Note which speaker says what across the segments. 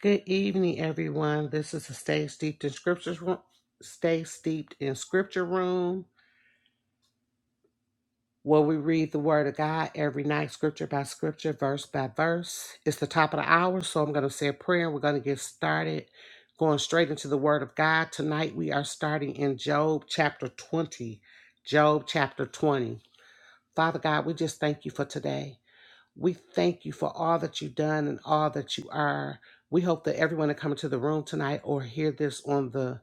Speaker 1: Good evening, everyone. This is the Stay Steeped in Scriptures room, Stay Steeped in Scripture room, where we read the Word of God every night, scripture by scripture, verse by verse. It's the top of the hour, so I'm going to say a prayer. We're going to get started, going straight into the Word of God. Tonight we are starting in Job chapter 20. Job chapter 20. Father God, we just thank you for today. We thank you for all that you've done and all that you are. We hope that everyone that comes into the room tonight or hear this on the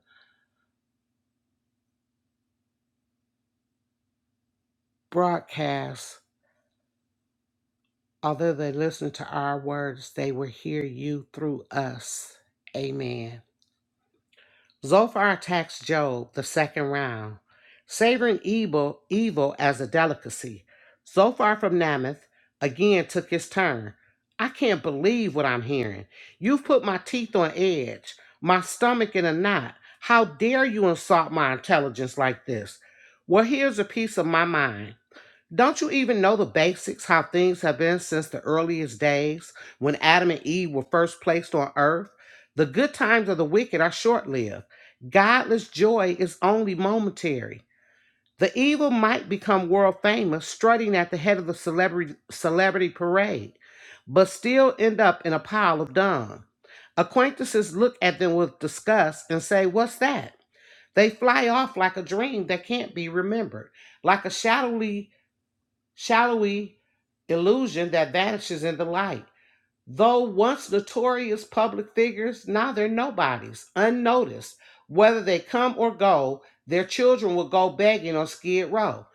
Speaker 1: broadcast, although they listen to our words, they will hear you through us. Amen. Zophar attacks Job the second round, savoring evil, evil as a delicacy. Zophar from Namath again took his turn. I can't believe what I'm hearing. You've put my teeth on edge, my stomach in a knot. How dare you insult my intelligence like this? Well, here's a piece of my mind. Don't you even know the basics, how things have been since the earliest days when Adam and Eve were first placed on earth? The good times of the wicked are short lived. Godless joy is only momentary. The evil might become world famous, strutting at the head of the celebrity, celebrity parade, but still end up in a pile of dung. Acquaintances look at them with disgust and say, What's that? They fly off like a dream that can't be remembered, like a shadowy shadowy illusion that vanishes in the light. Though once notorious public figures, now they're nobodies, unnoticed. Whether they come or go, their children will go begging on Skid Row,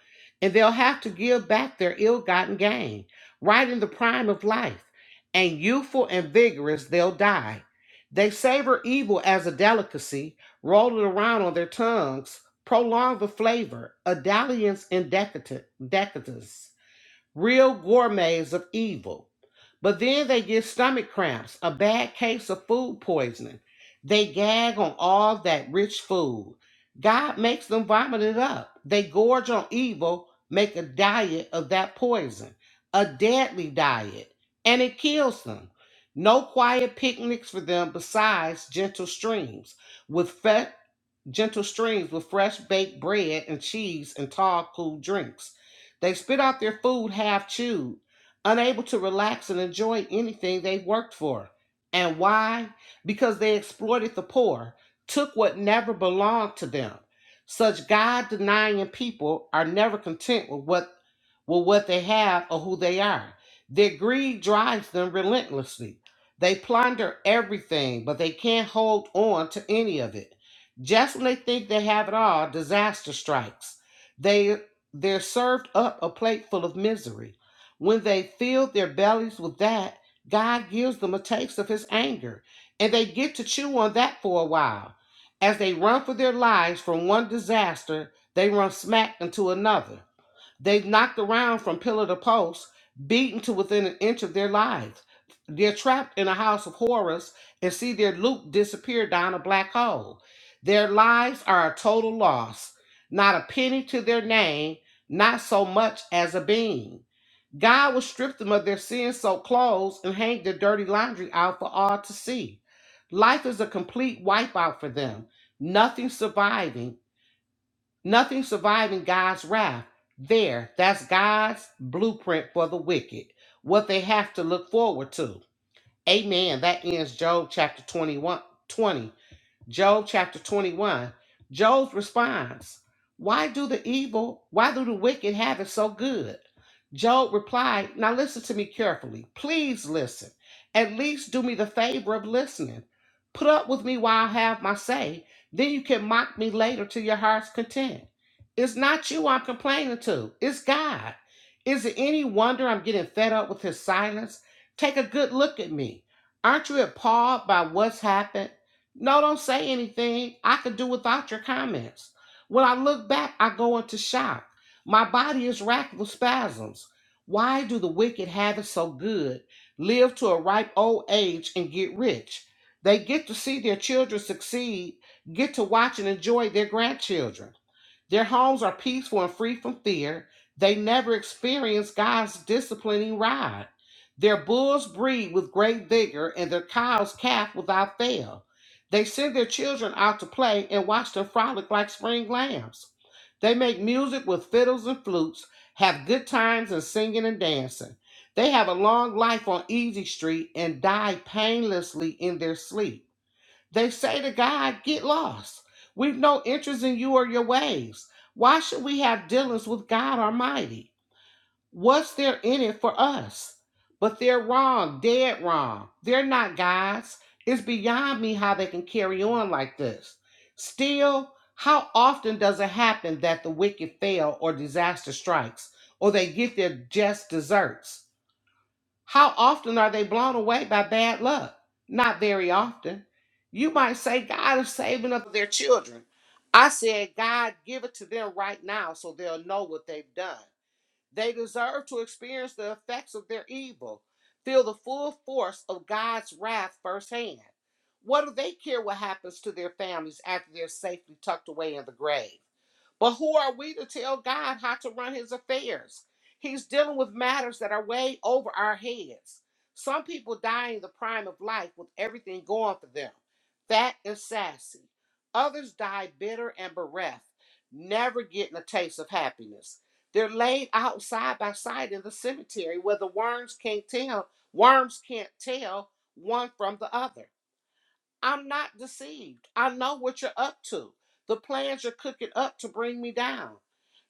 Speaker 1: and they'll have to give back their ill gotten gain. Right in the prime of life, and youthful and vigorous, they'll die. They savor evil as a delicacy, roll it around on their tongues, prolong the flavor, a dalliance in decadent, decadence real gourmets of evil. But then they get stomach cramps, a bad case of food poisoning. They gag on all that rich food. God makes them vomit it up. They gorge on evil, make a diet of that poison, a deadly diet, and it kills them. No quiet picnics for them besides gentle streams with gentle streams with fresh baked bread and cheese and tall, cool drinks. They spit out their food half chewed, unable to relax and enjoy anything they worked for. And why? Because they exploited the poor, took what never belonged to them. Such God denying people are never content with what with what they have or who they are. Their greed drives them relentlessly. They plunder everything, but they can't hold on to any of it. Just when they think they have it all, disaster strikes. They they're served up a plate full of misery. When they fill their bellies with that, God gives them a taste of his anger, and they get to chew on that for a while. As they run for their lives from one disaster, they run smack into another. They knocked around from pillar to post, beaten to within an inch of their lives. They're trapped in a house of horrors and see their loot disappear down a black hole. Their lives are a total loss, not a penny to their name, not so much as a bean. God will strip them of their sin soaked clothes and hang their dirty laundry out for all to see. Life is a complete wipeout for them, nothing surviving Nothing surviving God's wrath. There, that's God's blueprint for the wicked, what they have to look forward to. Amen. That ends Job chapter 21 20. Job chapter 21. Job's response, Why do the evil, why do the wicked have it so good? Job replied, Now listen to me carefully. Please listen. At least do me the favor of listening. Put up with me while I have my say. Then you can mock me later to your heart's content. It's not you I'm complaining to, it's God. Is it any wonder I'm getting fed up with his silence? Take a good look at me. Aren't you appalled by what's happened? No, don't say anything. I could do without your comments. When I look back, I go into shock. My body is racked with spasms. Why do the wicked have it so good, live to a ripe old age, and get rich? They get to see their children succeed, get to watch and enjoy their grandchildren. Their homes are peaceful and free from fear. They never experience God's disciplining rod. Their bulls breed with great vigor, and their cows calf without fail. They send their children out to play and watch them frolic like spring lambs. They make music with fiddles and flutes, have good times in singing and dancing. They have a long life on Easy Street and die painlessly in their sleep. They say to God, Get lost. We've no interest in you or your ways. Why should we have dealings with God Almighty? What's there in it for us? But they're wrong, dead wrong. They're not gods. It's beyond me how they can carry on like this. Still, how often does it happen that the wicked fail or disaster strikes or they get their just deserts? How often are they blown away by bad luck? Not very often. You might say, God is saving up their children. I said, God, give it to them right now so they'll know what they've done. They deserve to experience the effects of their evil, feel the full force of God's wrath firsthand. What do they care what happens to their families after they're safely tucked away in the grave? But who are we to tell God how to run his affairs? He's dealing with matters that are way over our heads. Some people die in the prime of life with everything going for them. That is sassy. Others die bitter and bereft, never getting a taste of happiness. They're laid out side by side in the cemetery where the worms can't tell, worms can't tell one from the other. I'm not deceived. I know what you're up to, the plans you're cooking up to bring me down.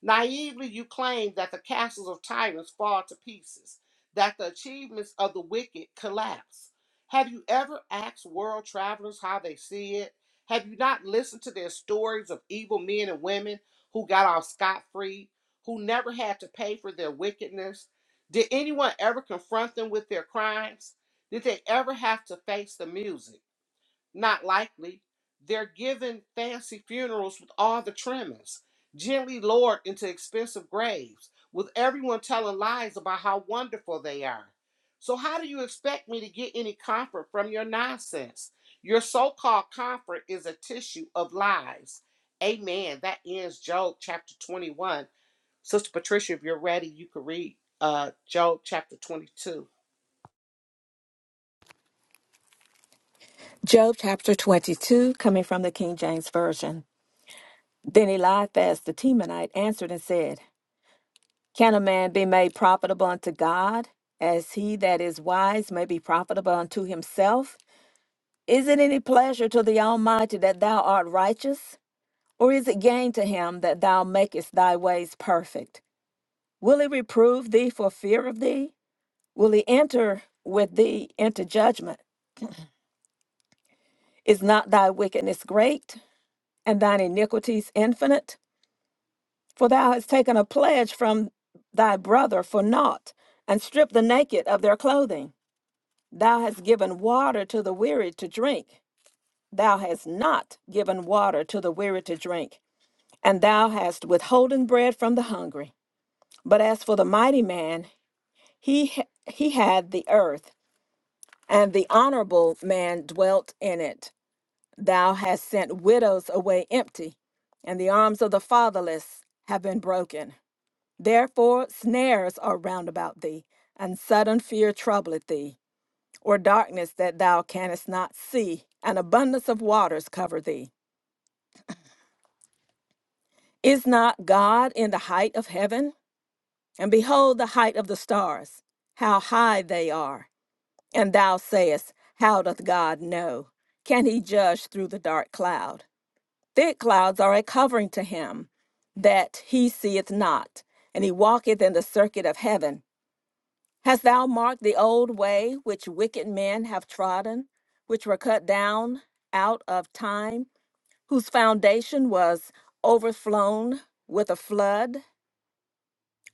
Speaker 1: Naively, you claim that the castles of tyrants fall to pieces, that the achievements of the wicked collapse. Have you ever asked world travelers how they see it? Have you not listened to their stories of evil men and women who got off scot free, who never had to pay for their wickedness? Did anyone ever confront them with their crimes? Did they ever have to face the music? Not likely. They're given fancy funerals with all the trimmings, gently lowered into expensive graves, with everyone telling lies about how wonderful they are. So, how do you expect me to get any comfort from your nonsense? Your so called comfort is a tissue of lies. Amen. That ends Job chapter 21. Sister Patricia, if you're ready, you can read uh, Job chapter 22.
Speaker 2: Job chapter 22, coming from the King James Version. Then Eliphaz the Temanite answered and said, Can a man be made profitable unto God, as he that is wise may be profitable unto himself? Is it any pleasure to the Almighty that thou art righteous? Or is it gain to him that thou makest thy ways perfect? Will he reprove thee for fear of thee? Will he enter with thee into judgment? Is not thy wickedness great, and thine iniquities infinite? For thou hast taken a pledge from thy brother for naught, and stripped the naked of their clothing. Thou hast given water to the weary to drink. Thou hast not given water to the weary to drink, and thou hast withholden bread from the hungry. But as for the mighty man, he h- he had the earth and the honorable man dwelt in it thou hast sent widows away empty and the arms of the fatherless have been broken Therefore snares are round about thee, and sudden fear troubleth thee, or darkness that thou canst not see, and abundance of waters cover thee. Is not God in the height of heaven? And behold the height of the stars, how high they are. And thou sayest, How doth God know? Can he judge through the dark cloud? Thick clouds are a covering to him, that he seeth not, and he walketh in the circuit of heaven Hast thou marked the old way which wicked men have trodden, which were cut down out of time, whose foundation was overflown with a flood,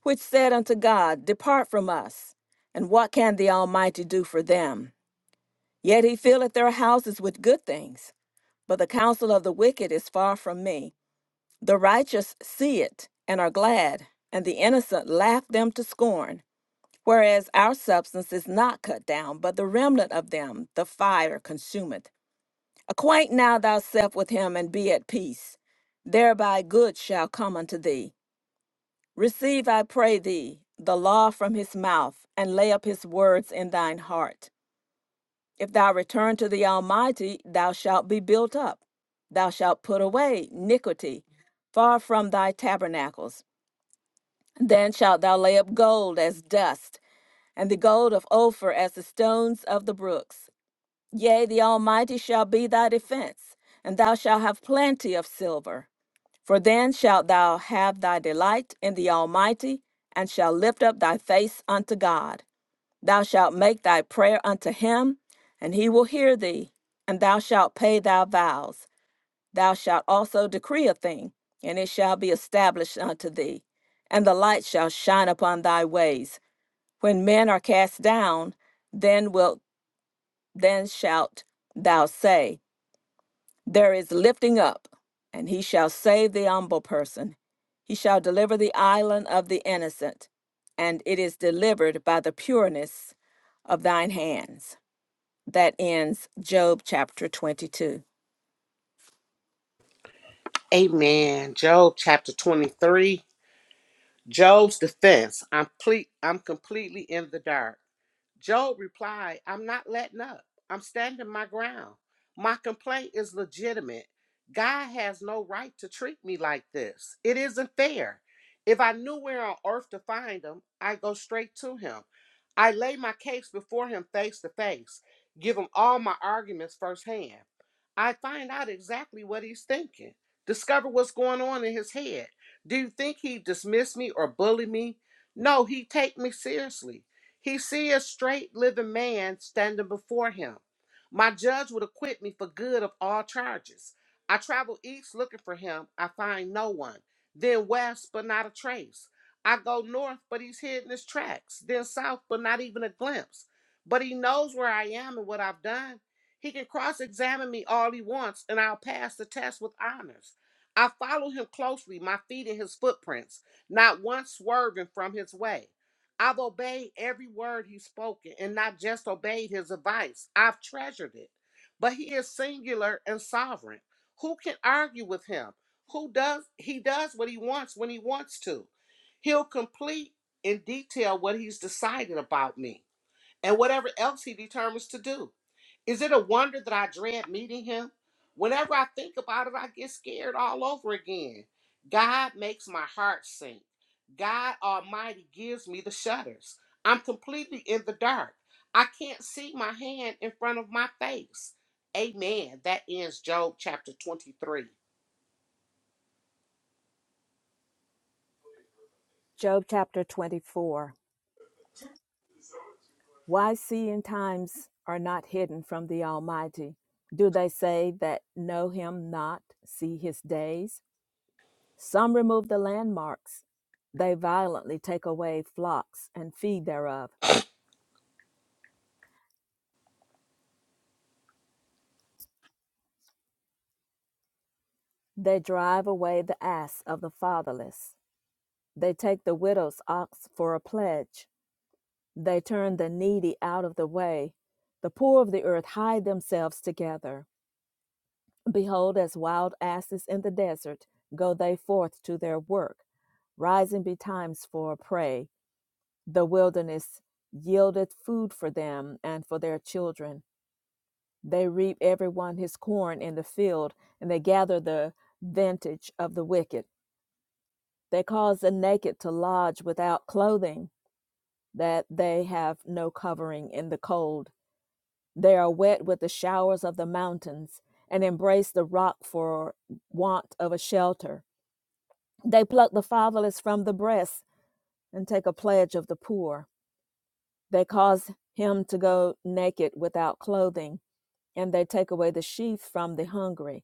Speaker 2: which said unto God, Depart from us, and what can the Almighty do for them? Yet he filleth their houses with good things, but the counsel of the wicked is far from me. The righteous see it and are glad, and the innocent laugh them to scorn. Whereas our substance is not cut down, but the remnant of them the fire consumeth. Acquaint now thyself with him, and be at peace. Thereby good shall come unto thee. Receive, I pray thee, the law from his mouth, and lay up his words in thine heart. If thou return to the Almighty, thou shalt be built up. Thou shalt put away iniquity far from thy tabernacles. Then shalt thou lay up gold as dust and the gold of Ophir as the stones of the brooks. Yea, the Almighty shall be thy defense, and thou shalt have plenty of silver. For then shalt thou have thy delight in the Almighty, and shalt lift up thy face unto God. Thou shalt make thy prayer unto him, and he will hear thee, and thou shalt pay thy vows. Thou shalt also decree a thing, and it shall be established unto thee, and the light shall shine upon thy ways when men are cast down, then wilt then shalt thou say, There is lifting up, and he shall save the humble person. He shall deliver the island of the innocent, and it is delivered by the pureness of thine hands. That ends Job chapter 22.
Speaker 1: Amen. Job chapter 23. Job's defense I'm, ple- I'm completely in the dark. Job replied, I'm not letting up. I'm standing my ground. My complaint is legitimate. God has no right to treat me like this. It isn't fair. If I knew where on earth to find him, I would go straight to him. I lay my case before him face to face, give him all my arguments firsthand. I find out exactly what he's thinking, discover what's going on in his head. Do you think he dismissed me or bullied me? No, he take me seriously. He see a straight living man standing before him. My judge would acquit me for good of all charges. I travel east looking for him. I find no one. Then west, but not a trace. I go north, but he's hid in his tracks. Then south, but not even a glimpse. But he knows where I am and what I've done. He can cross examine me all he wants, and I'll pass the test with honors. I follow him closely, my feet in his footprints, not once swerving from his way. I've obeyed every word he's spoken and not just obeyed his advice. I've treasured it. But he is singular and sovereign. Who can argue with him? Who does he does what he wants when he wants to? He'll complete in detail what he's decided about me and whatever else he determines to do. Is it a wonder that I dread meeting him? Whenever I think about it, I get scared all over again. God makes my heart sink. God Almighty gives me the shudders. I'm completely in the dark. I can't see my hand in front of my face. Amen. That ends Job chapter 23.
Speaker 2: Job chapter 24. Why seeing times are not hidden from the Almighty? Do they say that know him not, see his days? Some remove the landmarks. They violently take away flocks and feed thereof. They drive away the ass of the fatherless. They take the widow's ox for a pledge. They turn the needy out of the way. The poor of the earth hide themselves together. Behold, as wild asses in the desert, go they forth to their work, rising betimes for prey. The wilderness yieldeth food for them and for their children They reap everyone his corn in the field, and they gather the vintage of the wicked. They cause the naked to lodge without clothing, that they have no covering in the cold. They are wet with the showers of the mountains, and embrace the rock for want of a shelter. They pluck the fatherless from the breast, and take a pledge of the poor. They cause him to go naked without clothing, and they take away the sheath from the hungry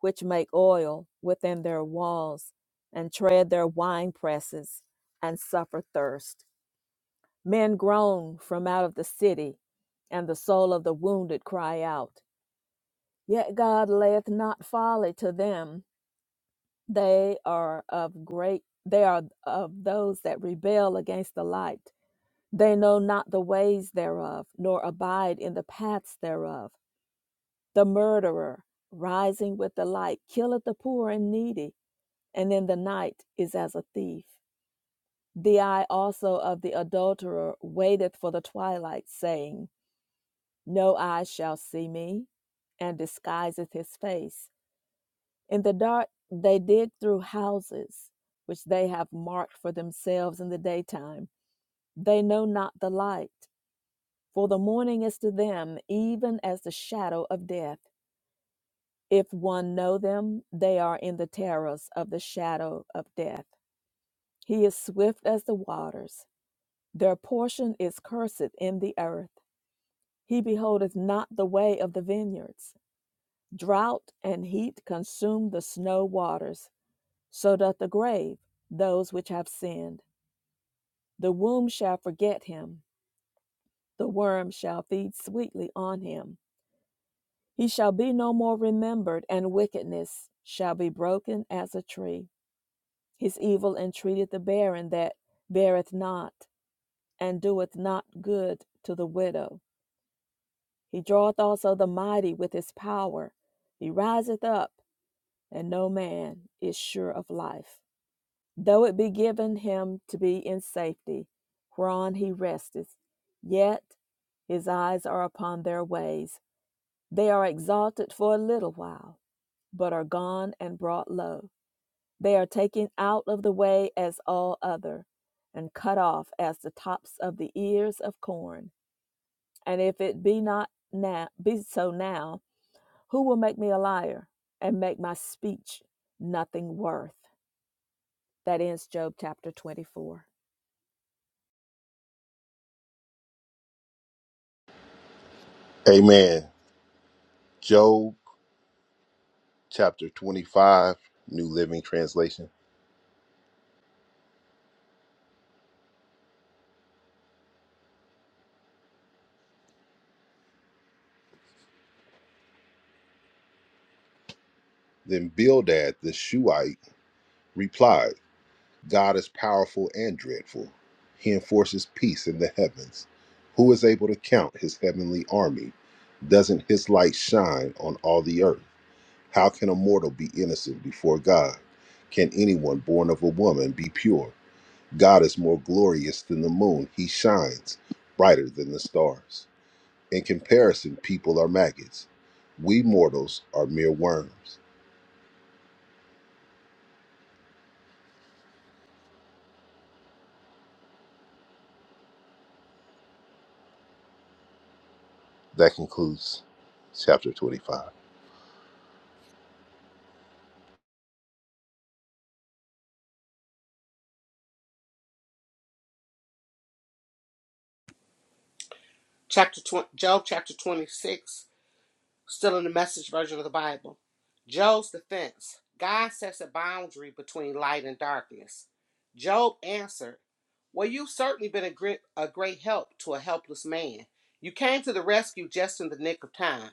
Speaker 2: which make oil within their walls, and tread their wine presses, and suffer thirst. Men groan from out of the city, and the soul of the wounded cry out. Yet God layeth not folly to them. They are of great they are of those that rebel against the light. They know not the ways thereof, nor abide in the paths thereof. The murderer, rising with the light, killeth the poor and needy and in the night is as a thief. The eye also of the adulterer waiteth for the twilight, saying, No eye shall see me, and disguiseth his face. In the dark they dig through houses, which they have marked for themselves in the daytime. They know not the light, for the morning is to them even as the shadow of death. If one know them, they are in the terrors of the shadow of death. He is swift as the waters. Their portion is cursed in the earth. He beholdeth not the way of the vineyards. Drought and heat consume the snow waters. So doth the grave those which have sinned. The womb shall forget him. The worm shall feed sweetly on him. He shall be no more remembered, and wickedness shall be broken as a tree. His evil entreateth the barren that beareth not, and doeth not good to the widow He draweth also the mighty with his power. He riseth up, and no man is sure of life. Though it be given him to be in safety, whereon he resteth, yet his eyes are upon their ways. They are exalted for a little while, but are gone and brought low. They are taken out of the way as all other, and cut off as the tops of the ears of corn. And if it be not now, be so now, Who will make me a liar and make my speech nothing worth? That ends Job chapter 24.
Speaker 3: Amen. Job chapter 25, New Living Translation. Then Bildad the Shuhite replied, God is powerful and dreadful. He enforces peace in the heavens. Who is able to count his heavenly army? Doesn't his light shine on all the earth? How can a mortal be innocent before God? Can anyone born of a woman be pure? God is more glorious than the moon. He shines brighter than the stars. In comparison, people are maggots. We mortals are mere worms. That concludes chapter 25.
Speaker 1: Chapter 20, Job chapter 26 Still in the message version of the Bible. Job's defense. God sets a boundary between light and darkness. Job answered, Well, you've certainly been a great, a great help to a helpless man. You came to the rescue just in the nick of time.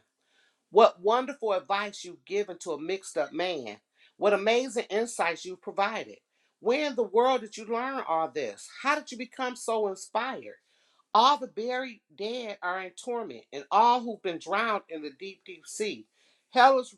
Speaker 1: What wonderful advice you've given to a mixed up man. What amazing insights you've provided. Where in the world did you learn all this? How did you become so inspired? All the buried dead are in torment, and all who've been drowned in the deep, deep sea. hell is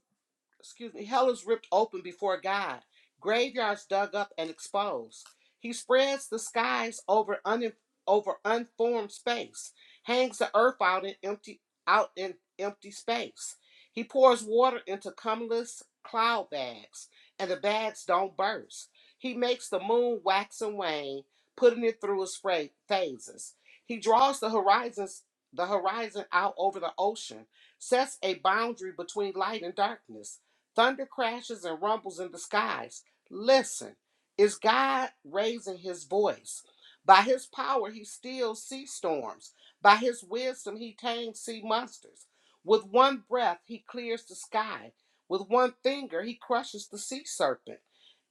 Speaker 1: excuse me, hell is ripped open before God, graveyards dug up and exposed. He spreads the skies over un, over unformed space, hangs the earth out in empty out in empty space. He pours water into cumulus cloud bags, and the bags don't burst. He makes the moon wax and wane, putting it through its phra- phases. He draws the horizons the horizon out over the ocean, sets a boundary between light and darkness Thunder crashes and rumbles in the skies. Listen, is God raising his voice? By his power, he steals sea storms. By his wisdom, he tames sea monsters. With one breath, he clears the sky. With one finger, he crushes the sea serpent.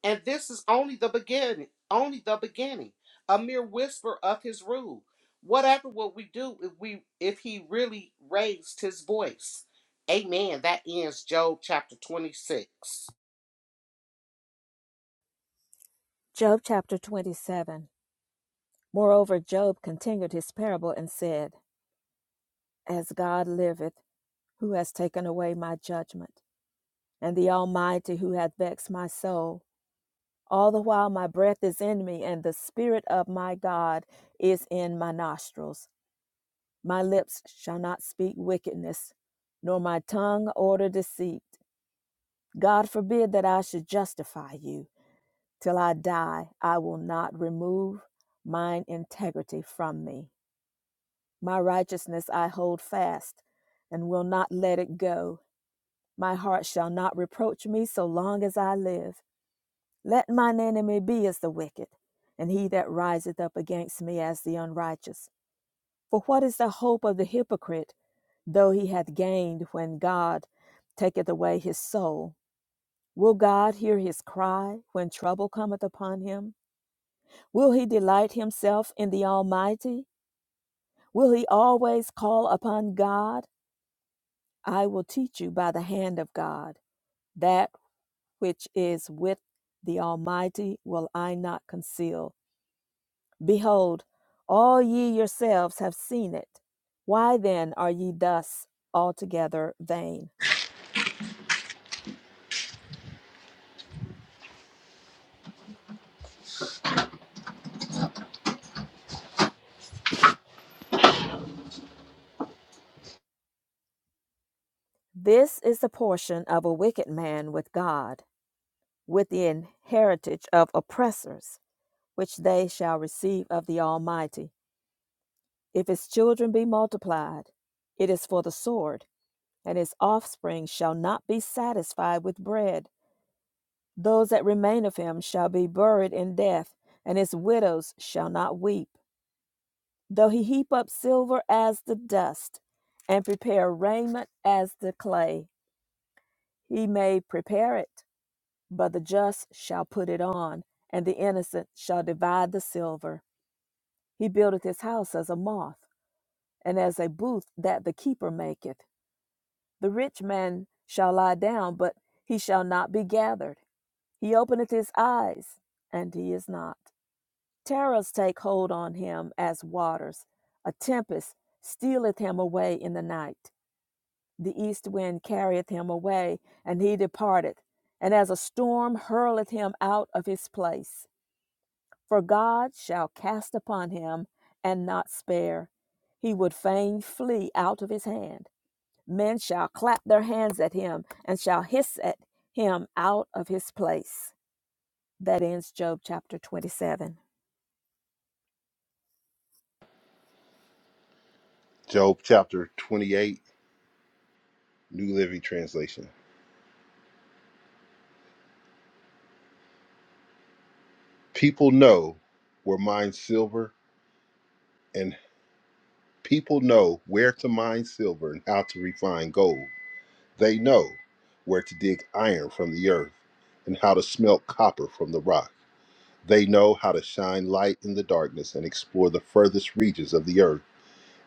Speaker 1: And this is only the beginning, only the beginning, a mere whisper of his rule. Whatever would we do if we if he really raised his voice? Amen. That ends Job chapter 26.
Speaker 2: Job chapter 27. Moreover, Job continued his parable and said, As God liveth, who has taken away my judgment, and the Almighty who hath vexed my soul, all the while my breath is in me, and the Spirit of my God is in my nostrils. My lips shall not speak wickedness, nor my tongue order deceit. God forbid that I should justify you. Till I die, I will not remove mine integrity from me. My righteousness I hold fast and will not let it go. My heart shall not reproach me so long as I live. Let mine enemy be as the wicked, and he that riseth up against me as the unrighteous. For what is the hope of the hypocrite, though he hath gained when God taketh away his soul? Will God hear his cry when trouble cometh upon him? Will he delight himself in the Almighty? Will he always call upon God? I will teach you by the hand of God. That which is with the Almighty will I not conceal. Behold, all ye yourselves have seen it. Why then are ye thus altogether vain? This is the portion of a wicked man with God, with the inheritance of oppressors. which they shall receive of the Almighty. If his children be multiplied, it is for the sword, and his offspring shall not be satisfied with bread. Those that remain of him shall be buried in death, and his widows shall not weep. Though he heap up silver as the dust, and prepare raiment as the clay, he may prepare it, but the just shall put it on, and the innocent shall divide the silver. He buildeth his house as a moth and as a booth that the keeper maketh. The rich man shall lie down, but he shall not be gathered. He openeth his eyes, and he is not. Terrors take hold on him as waters. A tempest stealeth him away in the night. The east wind carrieth him away, and he departeth, and as a storm hurleth him out of his place. For God shall cast upon him and not spare. He would fain flee out of his hand. Men shall clap their hands at him and shall hiss at him out of his place. That ends Job chapter 27.
Speaker 3: Job chapter 28, New Living Translation. People know where mine silver and people know where to mine silver and how to refine gold. They know where to dig iron from the earth and how to smelt copper from the rock. They know how to shine light in the darkness and explore the furthest regions of the earth.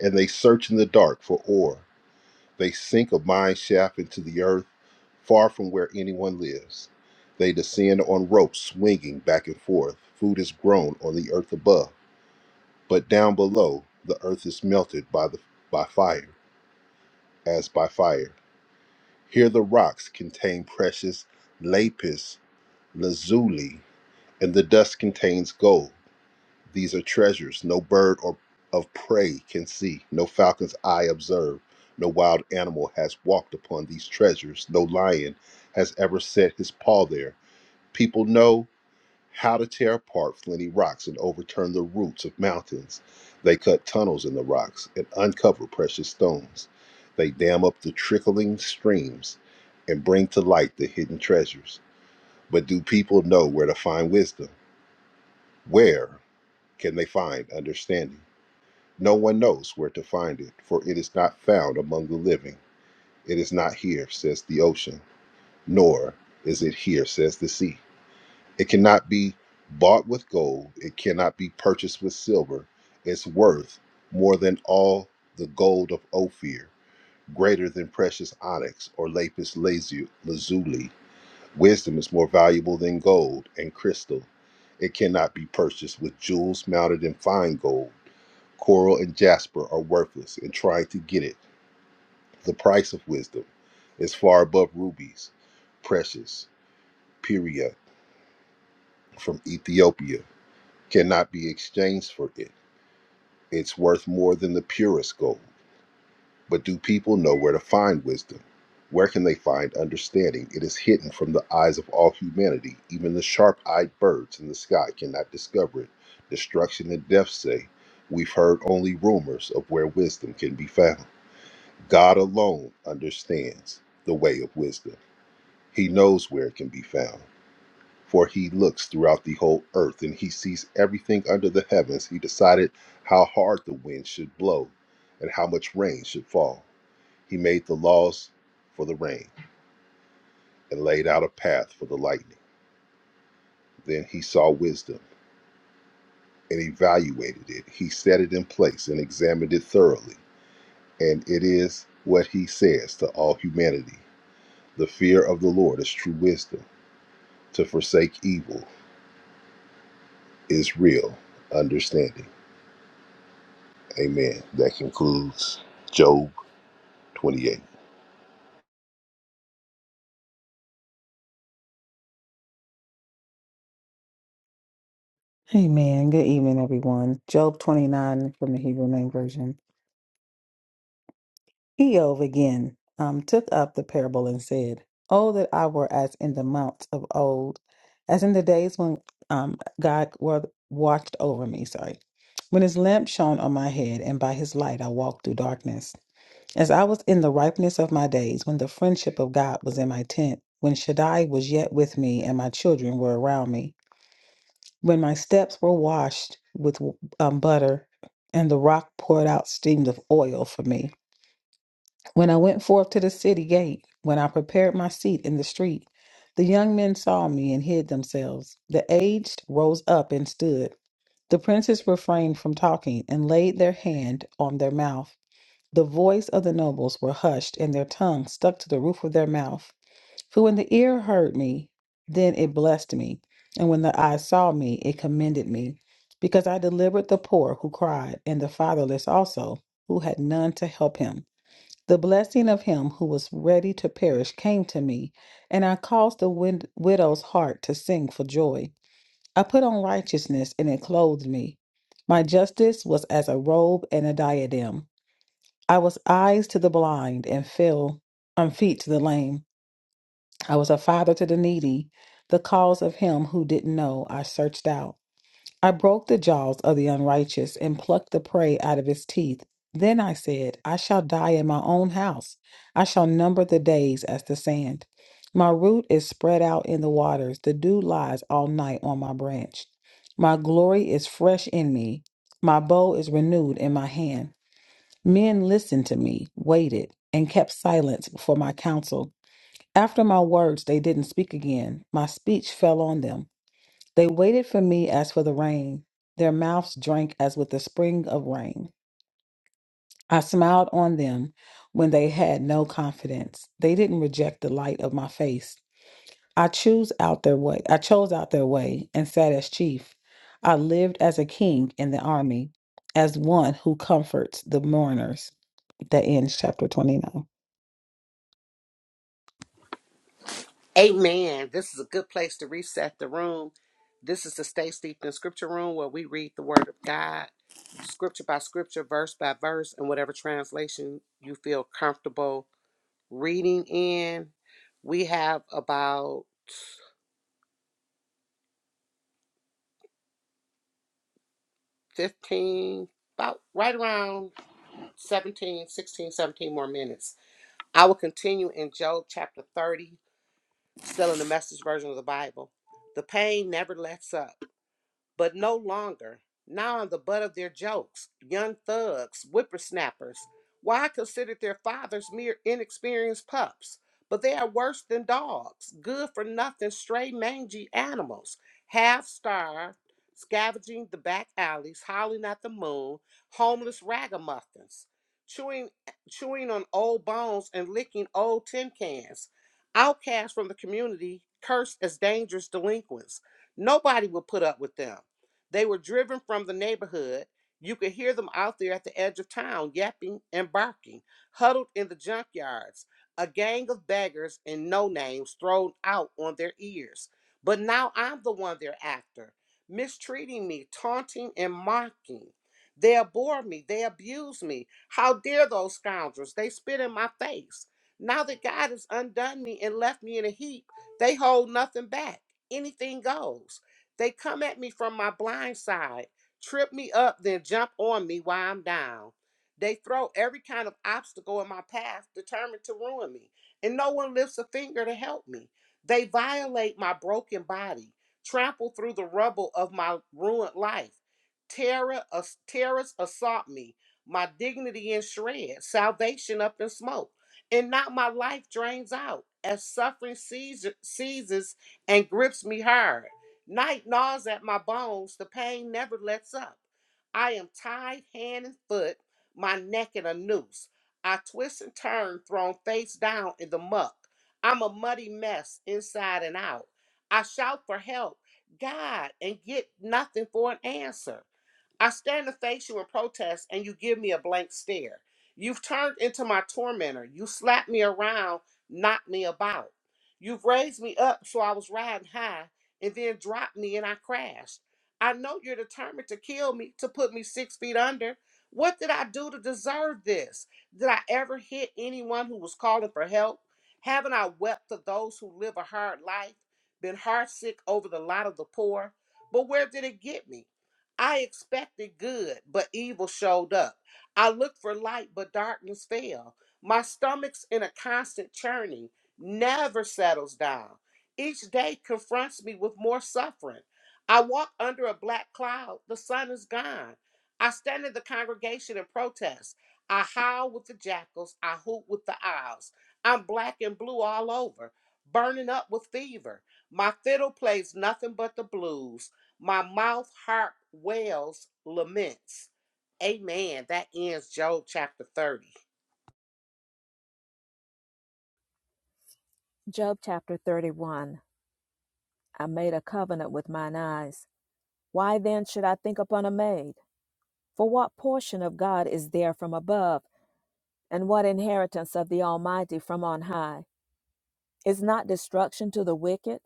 Speaker 3: And they search in the dark for ore. They sink a mine shaft into the earth far from where anyone lives. They descend on ropes swinging back and forth. Food is grown on the earth above, but down below, the earth is melted by, the, by fire, as by fire. Here the rocks contain precious lapis lazuli, and the dust contains gold. These are treasures no bird or of prey can see, no falcon's eye observe, no wild animal has walked upon these treasures, no lion has ever set his paw there. People know how to tear apart flinty rocks and overturn the roots of mountains. They cut tunnels in the rocks and uncover precious stones. They dam up the trickling streams and bring to light the hidden treasures. But do people know where to find wisdom? Where can they find understanding? No one knows where to find it, for it is not found among the living. It is not here, says the ocean, nor is it here, says the sea. It cannot be bought with gold, it cannot be purchased with silver. Its worth more than all the gold of Ophir, greater than precious onyx or lapis lazu- lazuli. Wisdom is more valuable than gold and crystal. It cannot be purchased with jewels mounted in fine gold. Coral and jasper are worthless in trying to get it. The price of wisdom is far above rubies, precious, Pyria from Ethiopia cannot be exchanged for it. It's worth more than the purest gold. But do people know where to find wisdom? Where can they find understanding? It is hidden from the eyes of all humanity. Even the sharp eyed birds in the sky cannot discover it. Destruction and death say, We've heard only rumors of where wisdom can be found. God alone understands the way of wisdom, He knows where it can be found for he looks throughout the whole earth and he sees everything under the heavens. He decided how hard the wind should blow and how much rain should fall. He made the laws for the rain and laid out a path for the lightning. Then he saw wisdom and evaluated it. He set it in place and examined it thoroughly. And it is what he says to all humanity The fear of the Lord is true wisdom, to forsake evil is real understanding. Amen. That concludes Job 28.
Speaker 4: Amen. Good evening, everyone. Job 29 from the Hebrew Name Version. Eov again um, took up the parable and said, Oh, that I were as in the months of old, as in the days when um, God wa- watched over me, sorry, when his lamp shone on my head, and by his light I walked through darkness. As I was in the ripeness of my days, when the friendship of God was in my tent, when Shaddai was yet with me and my children were around me. When my steps were washed with um, butter, and the rock poured out streams of oil for me. When I went forth to the city gate, when I prepared my seat in the street, the young men saw me and hid themselves. The aged rose up and stood. The princes refrained from talking and laid their hand on their mouth. The voice of the nobles were hushed, and their tongue stuck to the roof of their mouth. For when the ear heard me, then it blessed me. And when the eye saw me, it commended me. Because I delivered the poor who cried, and the fatherless also, who had none to help him. The blessing of him who was ready to perish came to me, and I caused the wid- widow's heart to sing for joy. I put on righteousness, and it clothed me. My justice was as a robe and a diadem. I was eyes to the blind, and fell on feet to the lame. I was a father to the needy. The cause of him who didn't know I searched out. I broke the jaws of the unrighteous and plucked the prey out of his teeth. Then I said, I shall die in my own house. I shall number the days as the sand. My root is spread out in the waters. The dew lies all night on my branch. My glory is fresh in me. My bow is renewed in my hand. Men listened to me, waited, and kept silence for my counsel. After my words, they didn't speak again. My speech fell on them. They waited for me as for the rain. Their mouths drank as with the spring of rain. I smiled on them when they had no confidence. They didn't reject the light of my face. I chose out their way. I chose out their way and sat as chief. I lived as a king in the army, as one who comforts the mourners. That ends chapter 29.
Speaker 1: Amen. This is a good place to reset the room. This is the Stay Steeped in Scripture room where we read the Word of God, scripture by scripture, verse by verse, and whatever translation you feel comfortable reading in. We have about 15, about right around 17, 16, 17 more minutes. I will continue in Job chapter 30, Still in the message version of the Bible. The pain never lets up but no longer. Now I'm the butt of their jokes, young thugs, whippersnappers. Why I considered their fathers mere inexperienced pups, but they are worse than dogs, good for nothing, stray, mangy animals, half starved, scavenging the back alleys, howling at the moon, homeless ragamuffins, chewing, chewing on old bones and licking old tin cans, outcast from the community, cursed as dangerous delinquents. Nobody will put up with them. They were driven from the neighborhood. You could hear them out there at the edge of town, yapping and barking, huddled in the junkyards, a gang of beggars and no names thrown out on their ears. But now I'm the one they're after, mistreating me, taunting and mocking. They abhor me, they abuse me. How dare those scoundrels? They spit in my face. Now that God has undone me and left me in a heap, they hold nothing back. Anything goes. They come at me from my blind side, trip me up, then jump on me while I'm down. They throw every kind of obstacle in my path, determined to ruin me, and no one lifts a finger to help me. They violate my broken body, trample through the rubble of my ruined life. Terror, ass- terrorists assault me, my dignity in shreds, salvation up in smoke, and not my life drains out as suffering seizes, seizes and grips me hard. Night gnaws at my bones, the pain never lets up. I am tied hand and foot, my neck in a noose. I twist and turn, thrown face down in the muck. I'm a muddy mess inside and out. I shout for help, God, and get nothing for an answer. I stand to face you in protest, and you give me a blank stare. You've turned into my tormentor. You slapped me around, knocked me about. You've raised me up so I was riding high, and then dropped me and I crashed. I know you're determined to kill me, to put me six feet under. What did I do to deserve this? Did I ever hit anyone who was calling for help? Haven't I wept for those who live a hard life? Been heartsick over the lot of the poor? But where did it get me? I expected good, but evil showed up. I looked for light, but darkness fell. My stomach's in a constant churning, never settles down. Each day confronts me with more suffering. I walk under a black cloud, the sun is gone. I stand in the congregation and protest. I howl with the jackals, I hoot with the owls. I'm black and blue all over, burning up with fever. My fiddle plays nothing but the blues. My mouth harp wails laments. Amen. That ends Job chapter 30.
Speaker 2: Job chapter 31. I made a covenant with mine eyes. Why then should I think upon a maid? For what portion of God is there from above, and what inheritance of the Almighty from on high? Is not destruction to the wicked,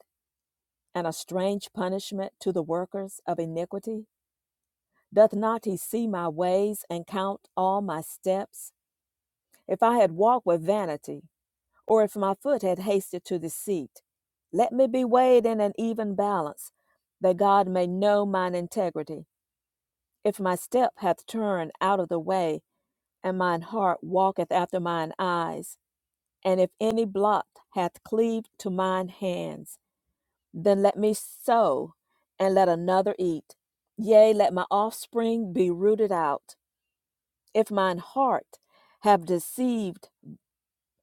Speaker 2: and a strange punishment to the workers of iniquity? Doth not he see my ways and count all my steps? If I had walked with vanity, or if my foot had hasted to deceit, let me be weighed in an even balance, that God may know mine integrity. If my step hath turned out of the way, and mine heart walketh after mine eyes, and if any blot hath cleaved to mine hands, then let me sow, and let another eat. Yea, let my offspring be rooted out. If mine heart have deceived,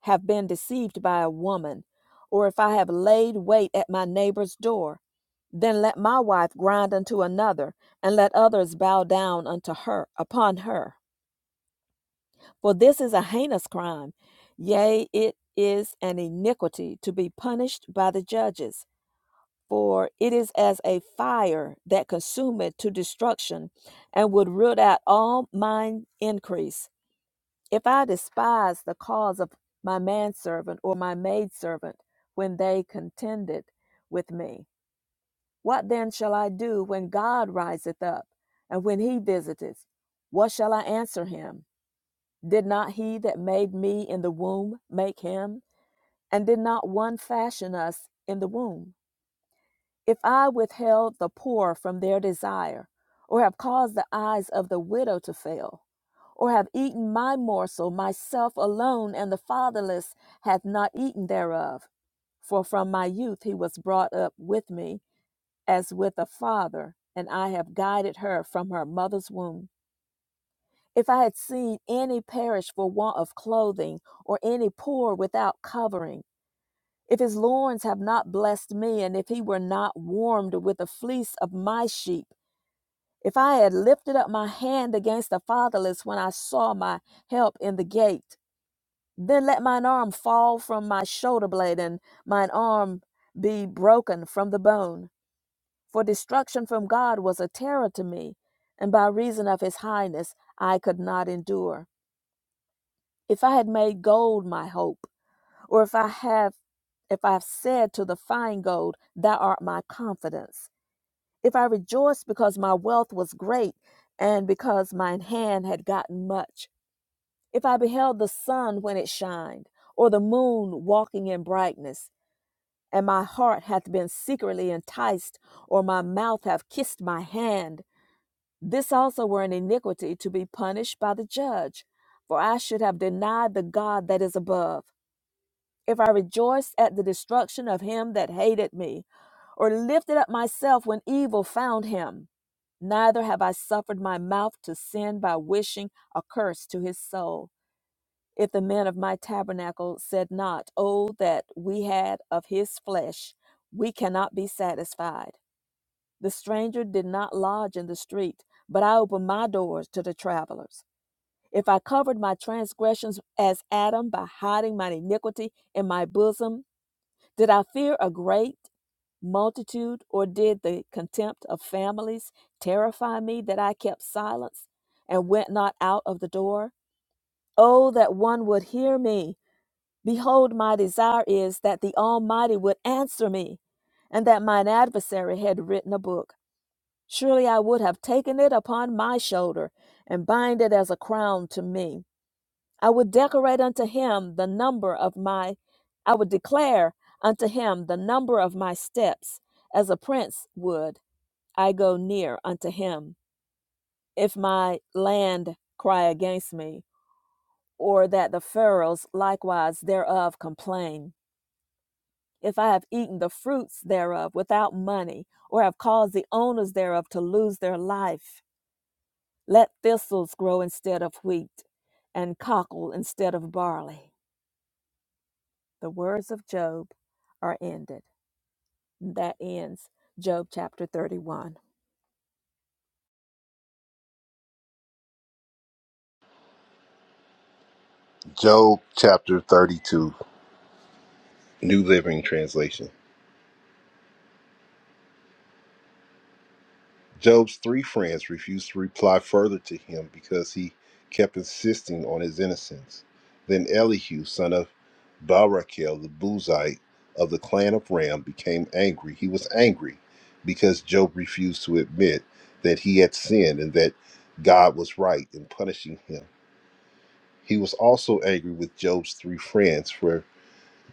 Speaker 2: have been deceived by a woman, or if I have laid wait at my neighbor's door, then let my wife grind unto another, and let others bow down unto her upon her. For this is a heinous crime, yea, it is an iniquity to be punished by the judges. For it is as a fire that consumeth to destruction, and would root out all mine increase. If I despise the cause of my manservant or my maidservant when they contended with me, what then shall I do when God riseth up and when he visiteth? What shall I answer him? Did not he that made me in the womb make him? And did not one fashion us in the womb? If I withheld the poor from their desire, or have caused the eyes of the widow to fail, or have eaten my morsel myself alone, and the fatherless hath not eaten thereof, for from my youth he was brought up with me as with a father, and I have guided her from her mother's womb. If I had seen any perish for want of clothing, or any poor without covering, if his loins have not blessed me, and if he were not warmed with the fleece of my sheep, if I had lifted up my hand against the fatherless when I saw my help in the gate, then let mine arm fall from my shoulder blade, and mine arm be broken from the bone. For destruction from God was a terror to me, and by reason of his highness I could not endure. If I had made gold my hope, or if I have if I've said to the fine gold, Thou art my confidence, if I rejoiced because my wealth was great and because mine hand had gotten much, if I beheld the sun when it shined, or the moon walking in brightness, and my heart hath been secretly enticed, or my mouth hath kissed my hand, this also were an iniquity to be punished by the judge, for I should have denied the God that is above if I rejoiced at the destruction of him that hated me, or lifted up myself when evil found him, neither have I suffered my mouth to sin by wishing a curse to his soul. If the men of my tabernacle said not, Oh, that we had of his flesh, we cannot be satisfied. The stranger did not lodge in the street, but I opened my doors to the travelers. If I covered my transgressions as Adam by hiding my iniquity in my bosom, did I fear a great multitude, or did the contempt of families terrify me that I kept silence and went not out of the door? Oh, that one would hear me! Behold, my desire is that the Almighty would answer me, and that mine adversary had written a book. Surely I would have taken it upon my shoulder and bind it as a crown to me. I would decorate unto him the number of my, I would declare unto him the number of my steps, as a prince would. I go near unto him. If my land cry against me, or that the furrows likewise thereof complain, if I have eaten the fruits thereof without money, or have caused the owners thereof to lose their life, let thistles grow instead of wheat, and cockle instead of barley. The words of Job are ended. That ends Job chapter 31.
Speaker 3: Job chapter 32, New Living Translation. Job's three friends refused to reply further to him because he kept insisting on his innocence. Then Elihu, son of Barachel the Buzite of the clan of Ram, became angry. He was angry because Job refused to admit that he had sinned and that God was right in punishing him. He was also angry with Job's three friends for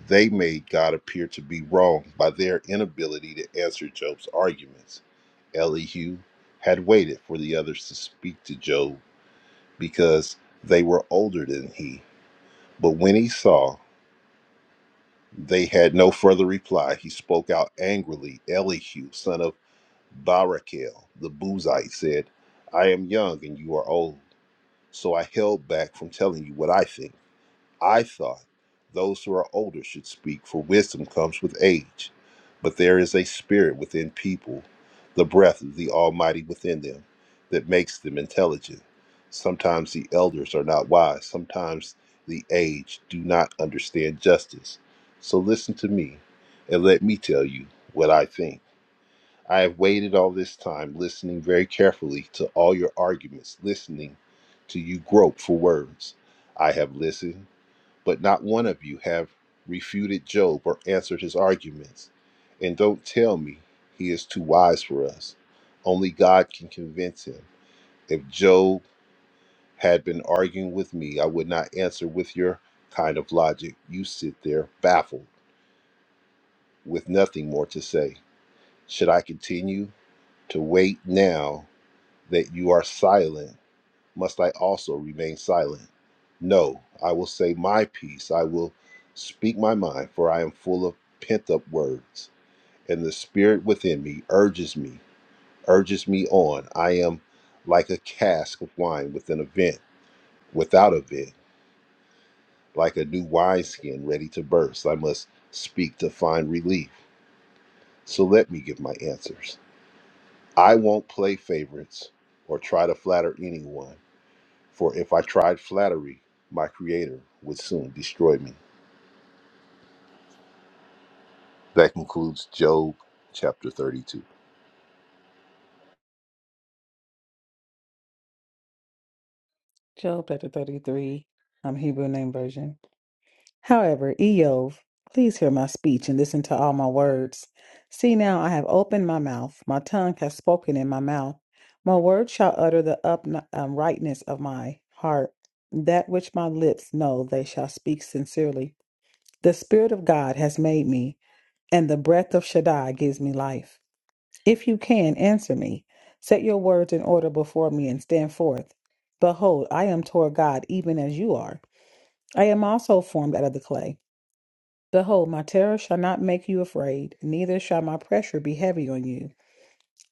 Speaker 3: they made God appear to be wrong by their inability to answer Job's arguments. Elihu had waited for the others to speak to Job because they were older than he. But when he saw they had no further reply, he spoke out angrily. Elihu, son of Barachel, the Buzite, said, I am young and you are old, so I held back from telling you what I think. I thought those who are older should speak, for wisdom comes with age. But there is a spirit within people, the breath of the Almighty within them, that makes them intelligent. Sometimes the elders are not wise, sometimes the aged do not understand justice. So listen to me and let me tell you what I think. I have waited all this time, listening very carefully to all your arguments, listening to you grope for words. I have listened but not one of you have refuted Job or answered his arguments. And don't tell me he is too wise for us. Only God can convince him. If Job had been arguing with me, I would not answer with your kind of logic. You sit there baffled with nothing more to say. Should I continue to wait now that you are silent? must I also remain silent? No, I will say my piece. I will speak my mind, for I am full of pent up words. And the spirit within me urges me, urges me on. I am like a cask of wine with an event, without a vent, like a new wineskin ready to burst. I must speak to find relief. So let me give my answers. I won't play favorites or try to flatter anyone. For if I tried flattery, my Creator would soon destroy me. That concludes Job chapter 32.
Speaker 4: Job chapter 33, um, Hebrew name version. However, Eov, please hear my speech and listen to all my words. See now, I have opened my mouth, my tongue has spoken in my mouth. My words shall utter the uprightness of my heart. That which my lips know, they shall speak sincerely. The Spirit of God has made me, and the breath of Shaddai gives me life. If you can, answer me. Set your words in order before me and stand forth. Behold, I am toward God, even as you are. I am also formed out of the clay. Behold, my terror shall not make you afraid, neither shall my pressure be heavy on you.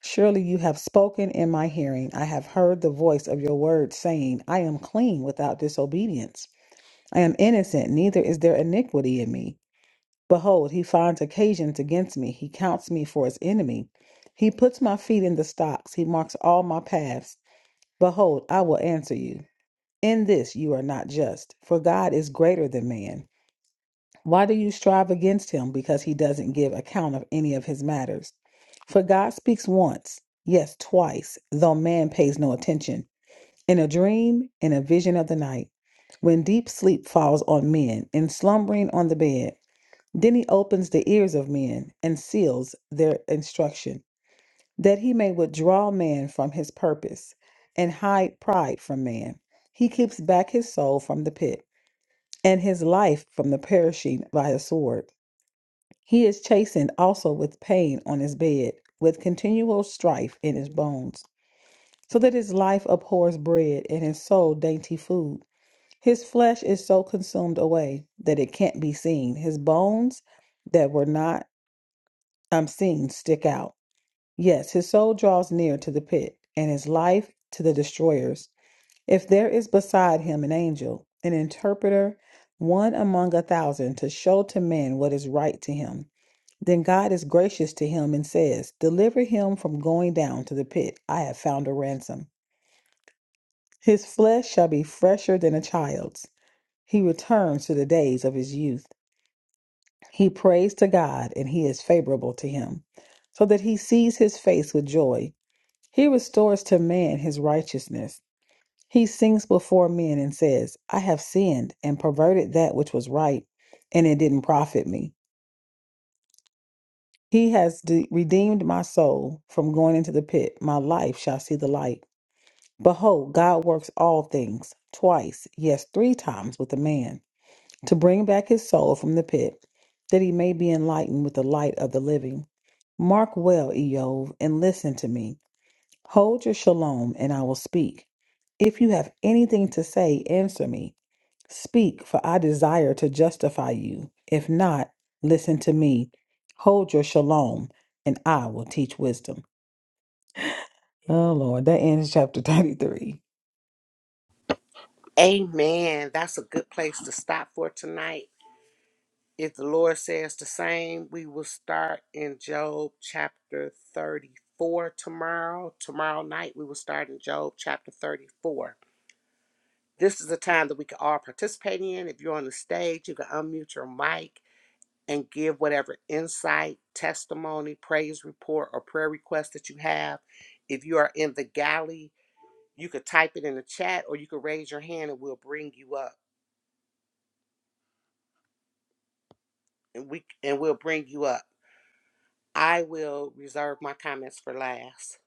Speaker 4: Surely you have spoken in my hearing. I have heard the voice of your word, saying, I am clean without disobedience. I am innocent, neither is there iniquity in me. Behold, he finds occasions against me. He counts me for his enemy. He puts my feet in the stocks. He marks all my paths. Behold, I will answer you. In this you are not just, for God is greater than man. Why do you strive against him? Because he doesn't give account of any of his matters. For God speaks once, yes, twice, though man pays no attention. In a dream, in a vision of the night, when deep sleep falls on men, in slumbering on the bed. Then he opens the ears of men and seals their instruction, that he may withdraw man from his purpose and hide pride from man. He keeps back his soul from the pit and his life from the perishing by a sword. He is chastened also with pain on his bed, with continual strife in his bones, so that his life abhors bread and his soul dainty food. His flesh is so consumed away that it can't be seen. His bones that were not I'm seeing stick out. Yes, his soul draws near to the pit, and his life to the destroyers. If there is beside him an angel, an interpreter, one among a thousand, to show to man what is right to him, then God is gracious to him and says, Deliver him from going down to the pit. I have found a ransom. His flesh shall be fresher than a child's. He returns to the days of his youth. He prays to God, and he is favorable to him, so that he sees his face with joy. He restores to man his righteousness. He sings before men and says, I have sinned and perverted that which was right, and it didn't profit me. He has de- redeemed my soul from going into the pit. My life shall see the light. Behold, God works all things twice, yes, three times with a man, to bring back his soul from the pit, that he may be enlightened with the light of the living. Mark well, Eov, and listen to me. Hold your shalom, and I will speak. If you have anything to say, answer me. Speak, for I desire to justify you. If not, listen to me. Hold your shalom, and I will teach wisdom. Oh Lord, that ends chapter 33.
Speaker 1: Amen. That's a good place to stop for tonight. If the Lord says the same, we will start in Job chapter 34 tomorrow. Tomorrow night, we will start in Job chapter 34. This is a time that we can all participate in. If you're on the stage, you can unmute your mic and give whatever insight, testimony, praise report, or prayer request that you have. If you are in the galley, you could type it in the chat or you could raise your hand and we'll bring you up. And we and we'll bring you up. I will reserve my comments for last.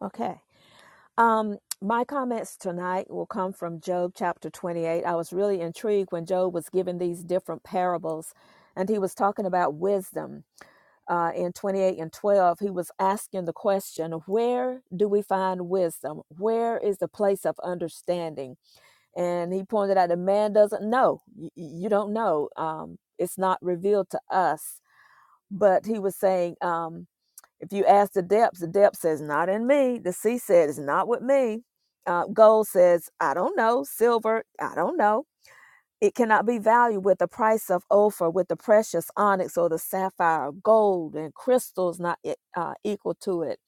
Speaker 2: Okay. Um, my comments tonight will come from Job chapter 28. I was really intrigued when Job was given these different parables and he was talking about wisdom. Uh, in 28 and 12, he was asking the question, Where do we find wisdom? Where is the place of understanding? And he pointed out that man doesn't know. Y- you don't know. Um, it's not revealed to us. But he was saying, um. If you ask the depths, the depth says, Not in me. The sea said, It's not with me. Uh, gold says, I don't know. Silver, I don't know. It cannot be valued with the price of Ophir, with the precious onyx or the sapphire, gold and crystals not e- uh, equal to it.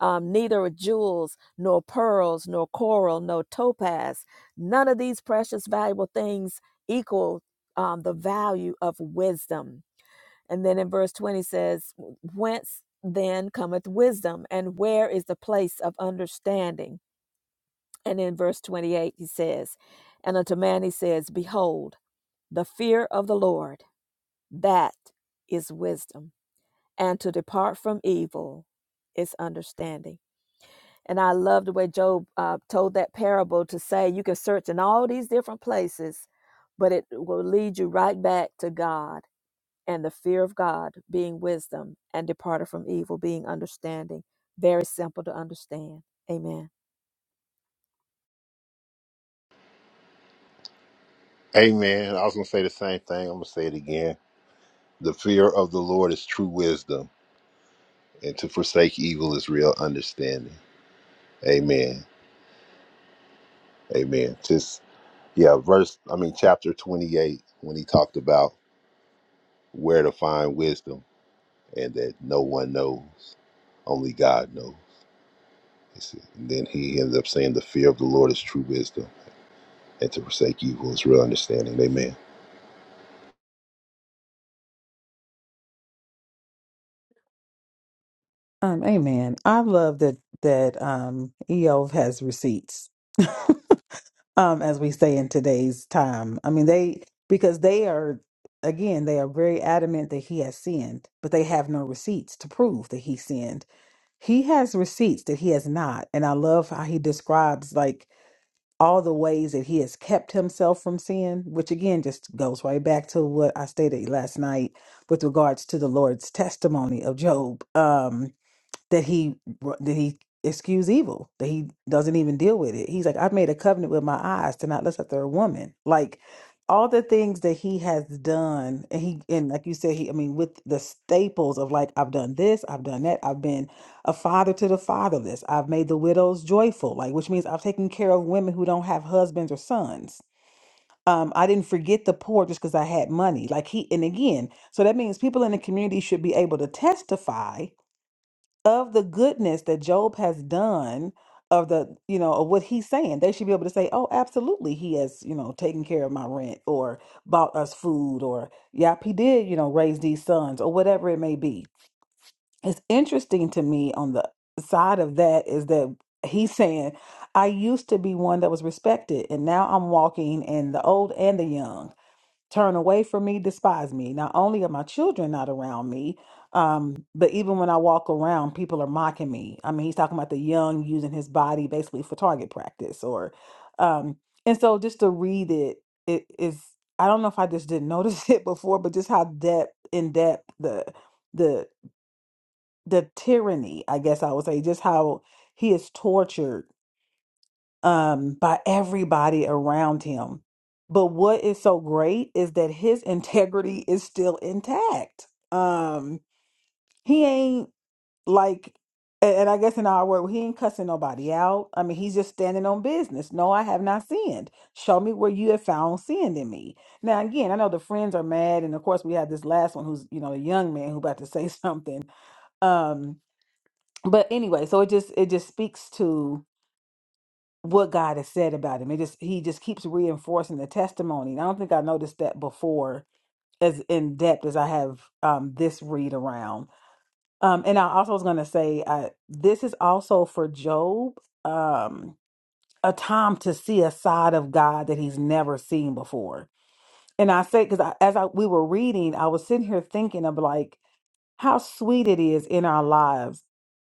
Speaker 2: Um, neither are jewels, nor pearls, nor coral, nor topaz. None of these precious, valuable things equal um, the value of wisdom. And then in verse 20 says, Whence then cometh wisdom, and where is the place of understanding? And in verse 28, he says, And unto man he says, Behold, the fear of the Lord, that is wisdom, and to depart from evil is understanding. And I love the way Job uh, told that parable to say, You can search in all these different places, but it will lead you right back to God and the fear of God being wisdom and departed from evil being understanding. Very simple to understand. Amen.
Speaker 3: Amen. I was going to say the same thing. I'm going to say it again. The fear of the Lord is true wisdom, and to forsake evil is real understanding. Amen. Amen. Just, yeah, verse, I mean, chapter 28, when he talked about where to find wisdom and that no one knows, only God knows. He said- And then he ends up saying, The fear of the Lord is true wisdom and to forsake evil is real understanding. Amen.
Speaker 4: Um, amen. I love that that um Eov has receipts. um, as we say in today's time. I mean, they because they are again they are very adamant that he has sinned, but they have no receipts to prove that he sinned. He has receipts that he has not, and I love how he describes like all the ways that he has kept himself from sin, which again just goes right back to what I stated last night with regards to the Lord's testimony of Job. Um, that he that he excuse evil that he doesn't even deal with it he's like i've made a covenant with my eyes to not lust after a woman like all the things that he has done and he and like you said he i mean with the staples of like i've done this i've done that i've been a father to the fatherless i've made the widows joyful like which means i've taken care of women who don't have husbands or sons um i didn't forget the poor just because i had money like he and again so that means people in the community should be able to testify of the goodness that Job has done of the you know of what he's saying they should be able to say oh absolutely he has you know taken care of my rent or bought us food or yep he did you know raise these sons or whatever it may be it's interesting to me on the side of that is that he's saying i used to be one that was respected and now i'm walking in the old and the young turn away from me, despise me. Not only are my children not around me, um, but even when I walk around, people are mocking me. I mean, he's talking about the young using his body basically for target practice, or um, and so just to read it, it is. I don't know if I just didn't notice it before, but just how depth in depth the the the tyranny, I guess I would say, just how he is tortured um, by everybody around him. But what is so great is that his integrity is still intact. Um, he ain't like, and and I guess in our world, he ain't cussing nobody out. I mean, he's just standing on business. No, I have not sinned. Show me where you have found sin in me. Now, again, I know the friends are mad, and of course, we have this last one who's you know a young man who about to say something. Um, but anyway, so it just it just speaks to what God has said about him. It just he just keeps reinforcing the testimony. And I don't think I noticed that before as in depth as I have um this read around. Um and I also was gonna say uh this is also for Job um a time to see a side of God that he's never seen before. And I say because as I we were reading, I was sitting here thinking of like how sweet it is in our lives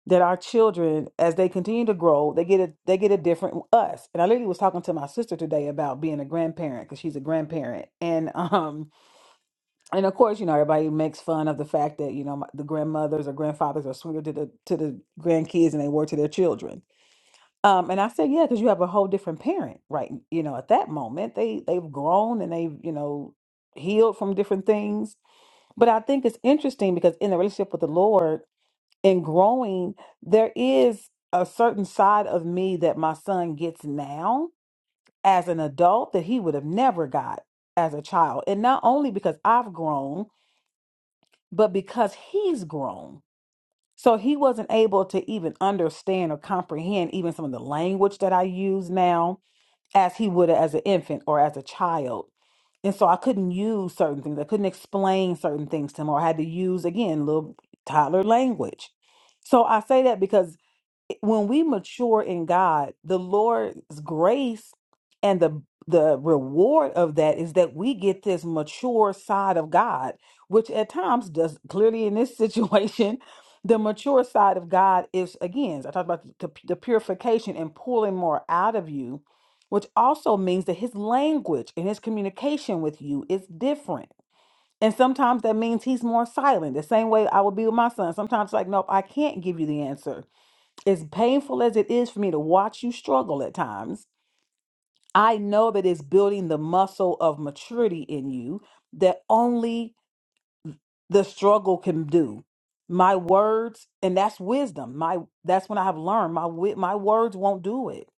Speaker 4: that our children, as they continue to grow, they get a they get a different us. And I literally was talking to my sister today about being a grandparent because she's a grandparent, and um and of course you know everybody makes fun of the fact that you know my- the grandmothers or grandfathers are sweeter to the to the grandkids than they were to their children. Um, and I said, yeah, because you have a whole different parent, right? You know, at that moment they they've grown and they've you know healed from different things. But I think it's interesting because in the relationship with the Lord and growing, there is a certain side of me that my son gets now as an adult that he would have never got as a child. And not only because I've grown, but because he's grown. So he wasn't able to even understand or comprehend even some of the language that I use now as he would as an infant or as a child. And so I couldn't use certain things. I couldn't explain certain things to him, or I had to use, again, little toddler language. So I say that because when we mature in God, the Lord's grace and the the reward of that is that we get this mature side of God, which at times does clearly in this situation, the mature side of God is again, I talked about the, the purification and pulling more out of you, which also means that his language and his communication with you is different. And sometimes that means he's more silent. The same way I would be with my son. Sometimes like, nope, I can't give you the answer as painful as it is for me to watch you struggle at times, I know that it's building the muscle of maturity in you that only the struggle can do. My words, and that's wisdom. My that's when I have learned my wi- my words won't do it.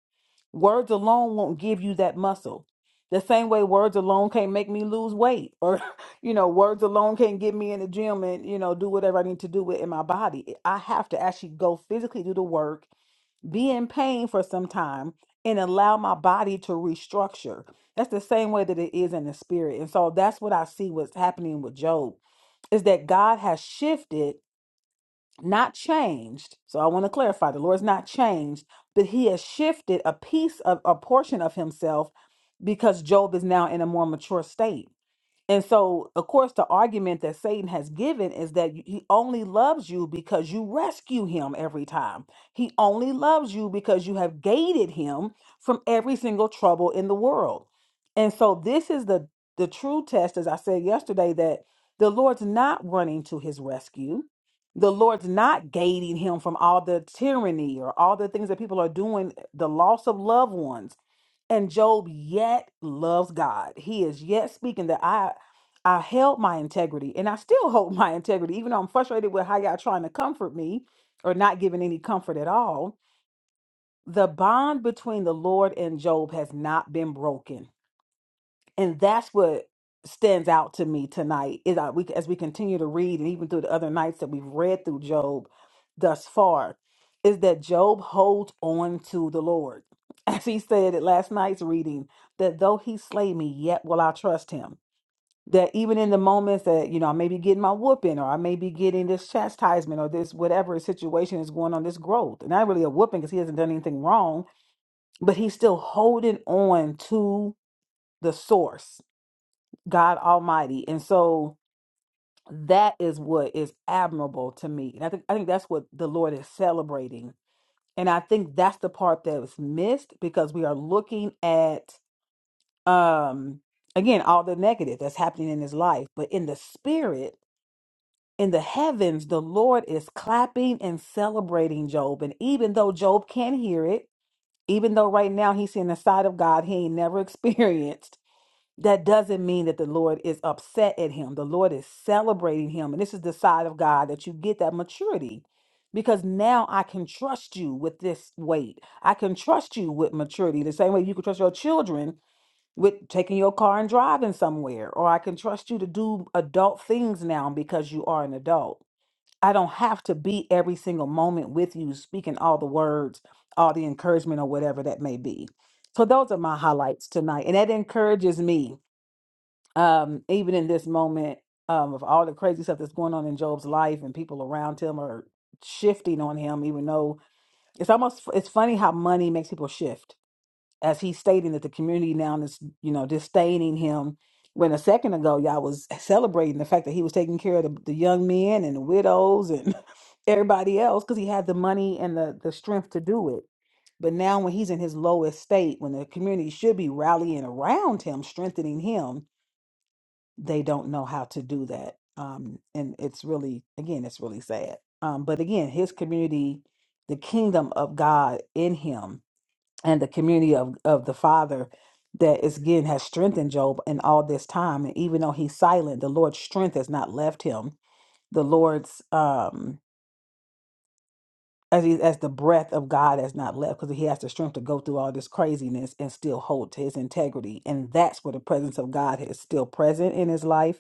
Speaker 4: Words alone won't give you that muscle. The same way words alone can't make me lose weight, or you know, words alone can't get me in the gym and you know do whatever I need to do with in my body. I have to actually go physically do the work be in pain for some time and allow my body to restructure. That's the same way that it is in the spirit. And so that's what I see what's happening with Job is that God has shifted, not changed. So I want to clarify the Lord's not changed, but he has shifted a piece of a portion of himself because Job is now in a more mature state. And so, of course, the argument that Satan has given is that you- he only loves you because you rescue him every time. He only loves you because you have gated him from every single trouble in the world. And so, this is the the true test, as I said yesterday, that the Lord's not running to his rescue. The Lord's not gating him from all the tyranny or all the things that people are doing, the loss of loved ones and Job yet loves God. He is yet speaking that I I held my integrity and I still hold my integrity, even though I'm frustrated with how y'all trying to comfort me or not giving any comfort at all. The bond between the Lord and Job has not been broken and that's what stands out to me tonight is that we as we continue to read and even through the other nights that we've read through job thus far is that job holds on to the lord as he said at last night's reading that though he slay me yet will i trust him that even in the moments that you know i may be getting my whooping or i may be getting this chastisement or this whatever situation is going on this growth and not really a whooping because he hasn't done anything wrong but he's still holding on to the source God Almighty. And so that is what is admirable to me. And I think I think that's what the Lord is celebrating. And I think that's the part that was missed because we are looking at um again all the negative that's happening in his life, but in the spirit in the heavens, the Lord is clapping and celebrating Job. And even though Job can't hear it, even though right now he's seeing the side of God he ain't never experienced, that doesn't mean that the Lord is upset at him. The Lord is celebrating him. And this is the side of God that you get that maturity because now I can trust you with this weight. I can trust you with maturity, the same way you can trust your children with taking your car and driving somewhere, or I can trust you to do adult things now because you are an adult. I don't have to be every single moment with you, speaking all the words, all the encouragement, or whatever that may be. So, those are my highlights tonight. And that encourages me um, even in this moment um, of all the crazy stuff that's going on in Job's life and people around him are shifting on him, even though it's almost it's funny how money makes people shift. As he's stating that the community now is you know disdaining him. When a second ago y'all was celebrating the fact that he was taking care of the, the young men and the widows and everybody else because he had the money and the the strength to do it. But now when he's in his lowest state, when the community should be rallying around him, strengthening him, they don't know how to do that. Um, and it's really, again, it's really sad. Um, but again, his community, the kingdom of God in him, and the community of, of the Father that is again has strengthened Job in all this time. And even though he's silent, the Lord's strength has not left him. The Lord's um as he, as the breath of God has not left because he has the strength to go through all this craziness and still hold to his integrity. And that's where the presence of God is still present in his life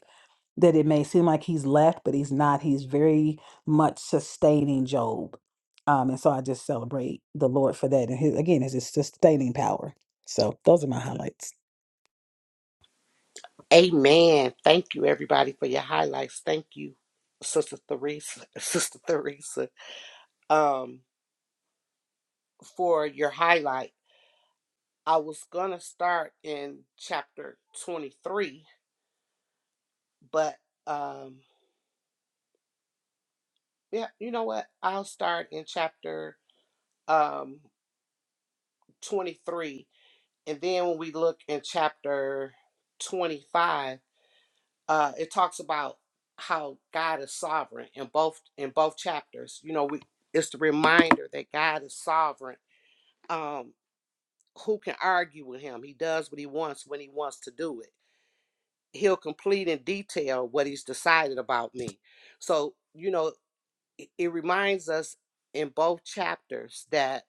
Speaker 4: that it may seem like he's left, but he's not. He's very much sustaining Job. Um, and so I just celebrate the Lord for that. And his, again, it's his sustaining power. So those are my highlights.
Speaker 1: Amen. Thank you everybody for your highlights. Thank you, Sister Theresa, Sister Theresa, um, for your highlight. I was gonna start in chapter twenty-three, but um Yeah, you know what? I'll start in chapter um 23 and then when we look in chapter 25, uh it talks about how God is sovereign in both in both chapters. You know, we it's the reminder that God is sovereign. Um who can argue with him? He does what he wants when he wants to do it. He'll complete in detail what he's decided about me. So, you know, it, it reminds us in both chapters that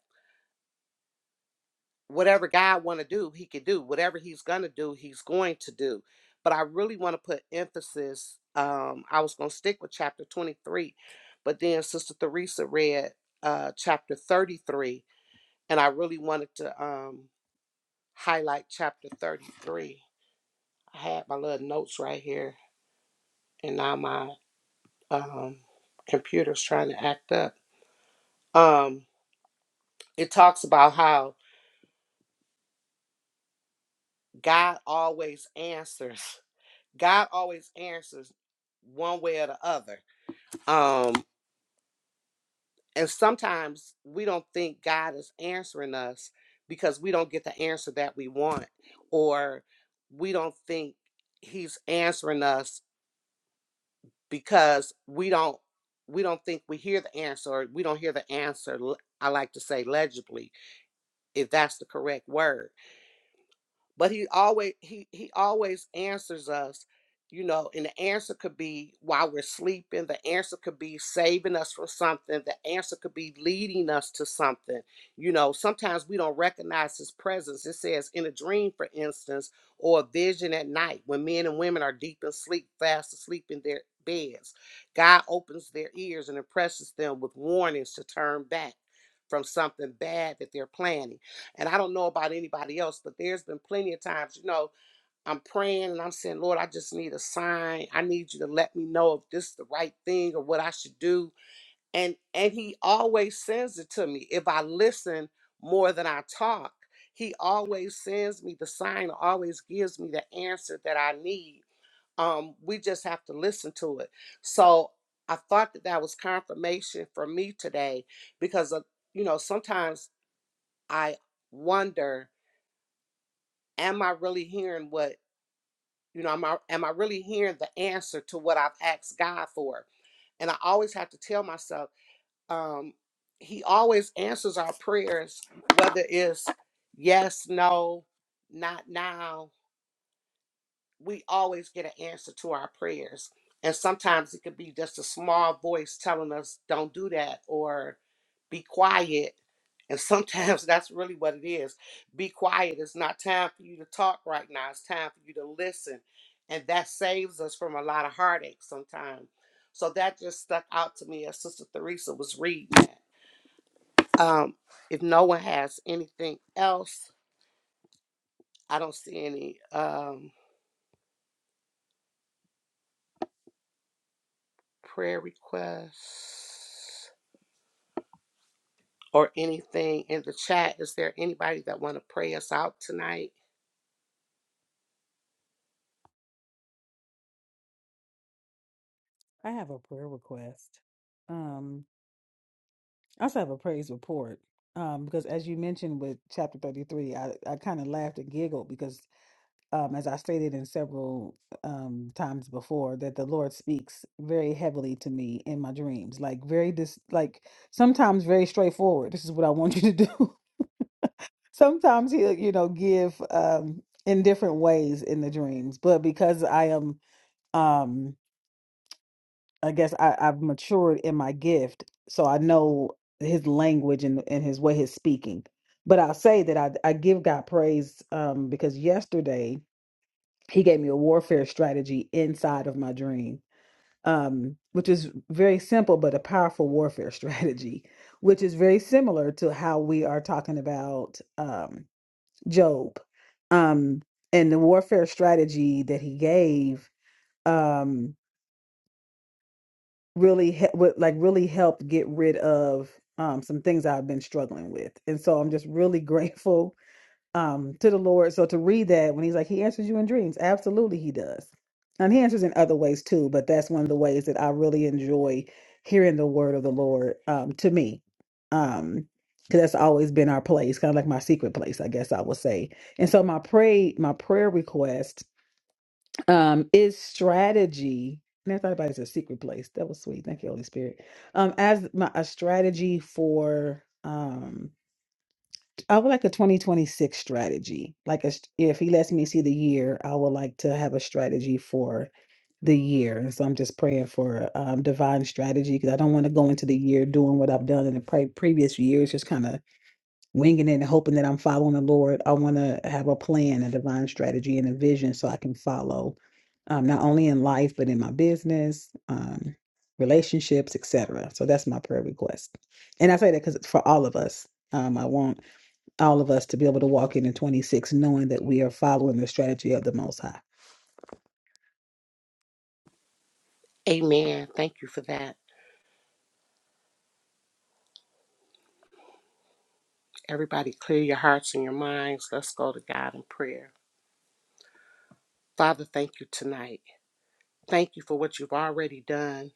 Speaker 1: whatever God want to do, he can do. Whatever he's going to do, he's going to do. But I really want to put emphasis um I was going to stick with chapter 23, but then Sister Theresa read uh chapter 33 and I really wanted to um highlight chapter 33. I had my little notes right here and now my um computer's trying to act up. Um it talks about how God always answers God always answers one way or the other. Um, and sometimes we don't think God is answering us because we don't get the answer that we want, or we don't think He's answering us because we don't we don't think we hear the answer or we don't hear the answer I like to say legibly if that's the correct word but he always he he always answers us you know and the answer could be while we're sleeping the answer could be saving us from something the answer could be leading us to something you know sometimes we don't recognize his presence it says in a dream for instance or a vision at night when men and women are deep in sleep fast asleep in their beds god opens their ears and impresses them with warnings to turn back from something bad that they're planning and I don't know about anybody else, but there's been plenty of times, you know, I'm praying and I'm saying, Lord, I just need a sign. I need you to let me know if this is the right thing or what I should do. And and he always sends it to me. If I listen more than I talk, he always sends me the sign, always gives me the answer that I need. Um, we just have to listen to it. So I thought that that was confirmation for me today because, of, you know, sometimes I wonder am I really hearing what you know? Am I am I really hearing the answer to what I've asked God for? And I always have to tell myself, um, He always answers our prayers, whether it's yes, no, not now we always get an answer to our prayers. And sometimes it could be just a small voice telling us, don't do that or be quiet. And sometimes that's really what it is. Be quiet. It's not time for you to talk right now, it's time for you to listen. And that saves us from a lot of heartache sometimes. So that just stuck out to me as Sister Theresa was reading that. Um, if no one has anything else, I don't see any um, prayer requests. or anything in the chat. Is there anybody that want to pray us out tonight?
Speaker 4: I have a prayer request. Um, I also have a praise report. Um, because as you mentioned with chapter 33, I, I kind of laughed and giggled because um, as I stated in several um, times before, that the Lord speaks very heavily to me in my dreams, like very dis, like sometimes very straightforward. This is what I want you to do. sometimes he'll, you know, give um, in different ways in the dreams, but because I am, um, I guess I, I've matured in my gift, so I know his language and, and his way, his speaking. But I'll say that I, I give God praise um, because yesterday. he gave me a warfare strategy inside of my dream um, which is very simple but a powerful warfare strategy which is very similar to how we are talking about um, job um, and the warfare strategy that he gave um, really he- would, like really helped get rid of um, some things i've been struggling with and so i'm just really grateful um to the Lord. So to read that when he's like, He answers you in dreams. Absolutely he does. And he answers in other ways too, but that's one of the ways that I really enjoy hearing the word of the Lord um to me. Um because that's always been our place, kind of like my secret place, I guess I would say. And so my pray my prayer request um is strategy. And I thought about it as a secret place. That was sweet. Thank you, Holy Spirit. Um, as my a strategy for um I would like a 2026 strategy. Like a, st- if he lets me see the year, I would like to have a strategy for the year. And so I'm just praying for um, divine strategy because I don't want to go into the year doing what I've done in the pre- previous years, just kind of winging it and hoping that I'm following the Lord. I want to have a plan, a divine strategy, and a vision so I can follow, um, not only in life but in my business, um, relationships, etc. So that's my prayer request, and I say that because it's for all of us. Um, I want all of us to be able to walk into 26 knowing that we are following the strategy of the Most High.
Speaker 1: Amen. Thank you for that. Everybody, clear your hearts and your minds. Let's go to God in prayer. Father, thank you tonight. Thank you for what you've already done.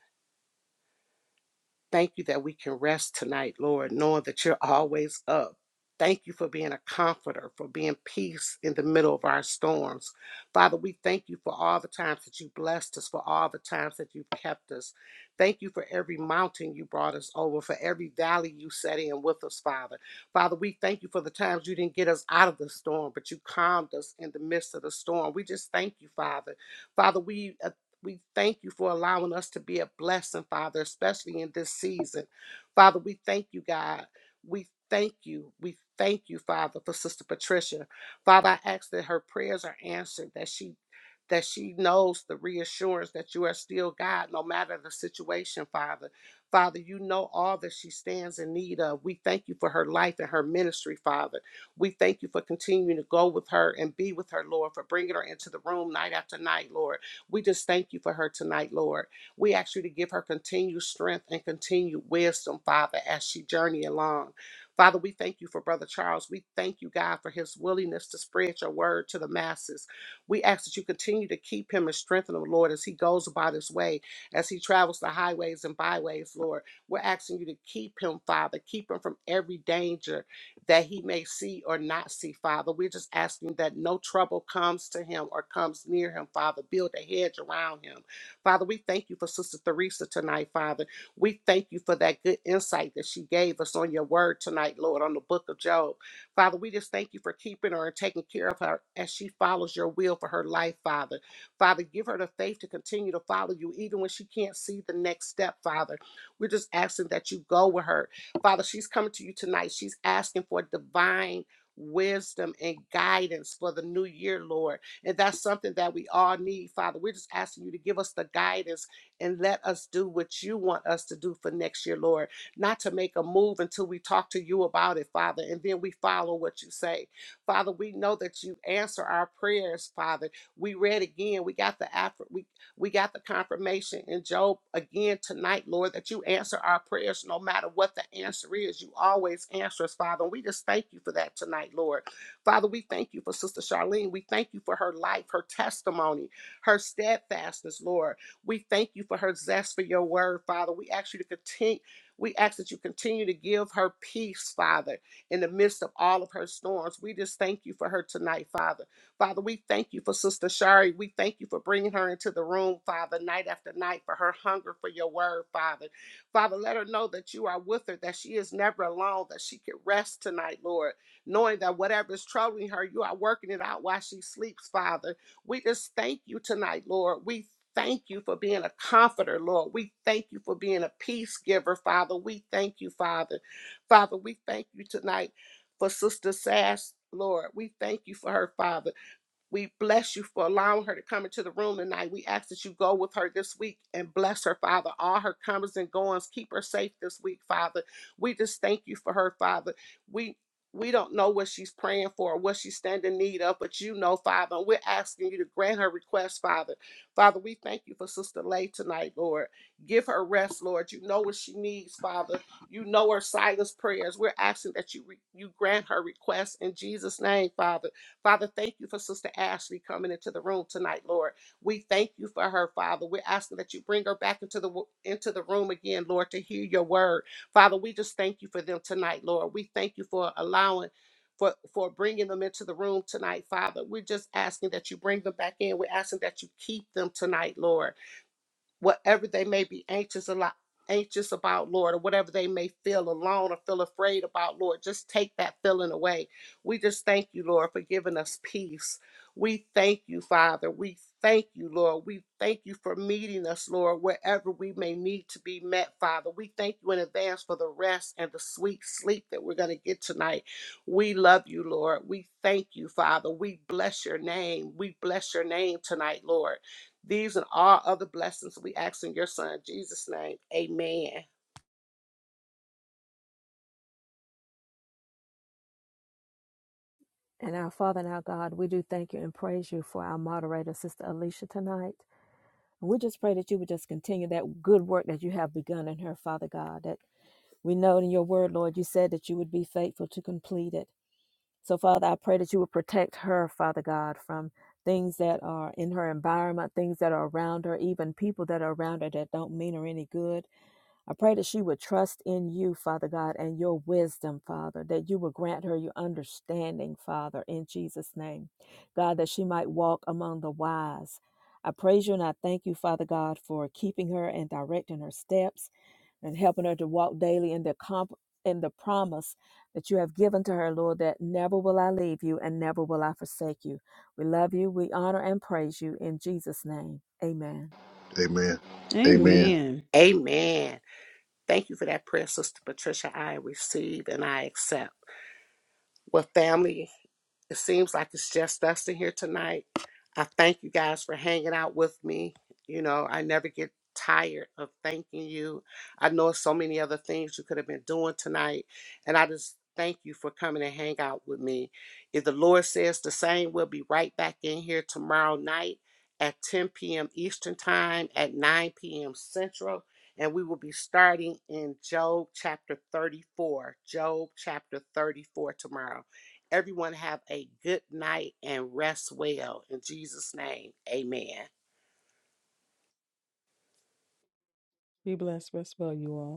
Speaker 1: Thank you that we can rest tonight, Lord, knowing that you're always up. Thank you for being a comforter, for being peace in the middle of our storms. Father, we thank you for all the times that you blessed us, for all the times that you've kept us. Thank you for every mountain you brought us over, for every valley you set in with us, Father. Father, we thank you for the times you didn't get us out of the storm, but you calmed us in the midst of the storm. We just thank you, Father. Father, we uh, we thank you for allowing us to be a blessing, Father, especially in this season. Father, we thank you, God. We thank you. We thank you, Father, for Sister Patricia. Father, I ask that her prayers are answered, that she that she knows the reassurance that you are still God no matter the situation, Father. Father, you know all that she stands in need of. We thank you for her life and her ministry, Father. We thank you for continuing to go with her and be with her, Lord, for bringing her into the room night after night, Lord. We just thank you for her tonight, Lord. We ask you to give her continued strength and continued wisdom, Father, as she journey along. Father, we thank you for Brother Charles. We thank you, God, for his willingness to spread your word to the masses. We ask that you continue to keep him and strengthen him, Lord, as he goes about his way, as he travels the highways and byways, Lord. We're asking you to keep him, Father. Keep him from every danger that he may see or not see, Father. We're just asking that no trouble comes to him or comes near him, Father. Build a hedge around him. Father, we thank you for Sister Theresa tonight, Father. We thank you for that good insight that she gave us on your word tonight, Lord, on the book of Job. Father, we just thank you for keeping her and taking care of her as she follows your will for her life, Father. Father, give her the faith to continue to follow you even when she can't see the next step, Father. We're just asking that you go with her Father, she's coming to you tonight. She's asking for divine wisdom and guidance for the new year, Lord. And that's something that we all need, Father. We're just asking you to give us the guidance and let us do what you want us to do for next year, Lord. Not to make a move until we talk to you about it, Father, and then we follow what you say. Father, we know that you answer our prayers, Father. We read again. We got the Afri- We we got the confirmation in Job again tonight, Lord, that you answer our prayers no matter what the answer is. You always answer us, Father. And we just thank you for that tonight, Lord. Father, we thank you for Sister Charlene. We thank you for her life, her testimony, her steadfastness, Lord. We thank you for her zest for your word, Father. We ask you to continue. We ask that you continue to give her peace, Father, in the midst of all of her storms. We just thank you for her tonight, Father. Father, we thank you for Sister Shari. We thank you for bringing her into the room, Father, night after night for her hunger for your word, Father. Father, let her know that you are with her, that she is never alone, that she can rest tonight, Lord, knowing that whatever is troubling her, you are working it out while she sleeps, Father. We just thank you tonight, Lord. We thank you for being a comforter, Lord. We thank you for being a peace giver, Father. We thank you, Father. Father, we thank you tonight for Sister Sass, Lord. We thank you for her, Father. We bless you for allowing her to come into the room tonight. We ask that you go with her this week and bless her, Father. All her comings and goings, keep her safe this week, Father. We just thank you for her, Father. We we don't know what she's praying for or what she's standing in need of, but you know, Father. And we're asking you to grant her request, Father. Father, we thank you for Sister Lay tonight, Lord. Give her rest, Lord. You know what she needs, Father. You know her silence prayers. We're asking that you re- you grant her request in Jesus' name, Father. Father, thank you for Sister Ashley coming into the room tonight, Lord. We thank you for her, Father. We're asking that you bring her back into the wo- into the room again, Lord, to hear your word. Father, we just thank you for them tonight, Lord. We thank you for allowing for, for bringing them into the room tonight, Father. We're just asking that you bring them back in. We're asking that you keep them tonight, Lord whatever they may be anxious a lot anxious about lord or whatever they may feel alone or feel afraid about lord just take that feeling away we just thank you lord for giving us peace we thank you father we thank you lord we thank you for meeting us lord wherever we may need to be met father we thank you in advance for the rest and the sweet sleep that we're going to get tonight we love you lord we thank you father we bless your name we bless your name tonight lord these and all other blessings we ask in your son Jesus' name. Amen.
Speaker 2: And our Father and our God, we do thank you and praise you for our moderator, Sister Alicia, tonight. And we just pray that you would just continue that good work that you have begun in her, Father God, that we know in your word, Lord, you said that you would be faithful to complete it. So, Father, I pray that you would protect her, Father God, from things that are in her environment, things that are around her, even people that are around her that don't mean her any good. I pray that she would trust in you, Father God, and your wisdom, Father, that you would grant her your understanding, Father, in Jesus' name. God, that she might walk among the wise. I praise you and I thank you, Father God, for keeping her and directing her steps and helping her to walk daily in the comp in the promise that you have given to her, Lord, that never will I leave you and never will I forsake you. We love you, we honor and praise you in Jesus' name. Amen.
Speaker 3: Amen. Amen.
Speaker 4: Amen.
Speaker 1: Amen. Thank you for that prayer, Sister Patricia. I receive and I accept. Well, family, It seems like it's just us in here tonight. I thank you guys for hanging out with me. You know, I never get tired of thanking you. I know so many other things you could have been doing tonight, and I just thank you for coming and hang out with me. If the Lord says the same, we'll be right back in here tomorrow night at 10 p.m. Eastern Time, at 9 p.m. Central, and we will be starting in Job chapter 34. Job chapter 34 tomorrow. Everyone have a good night and rest well. In Jesus' name, amen.
Speaker 4: Be blessed. Rest well, you all.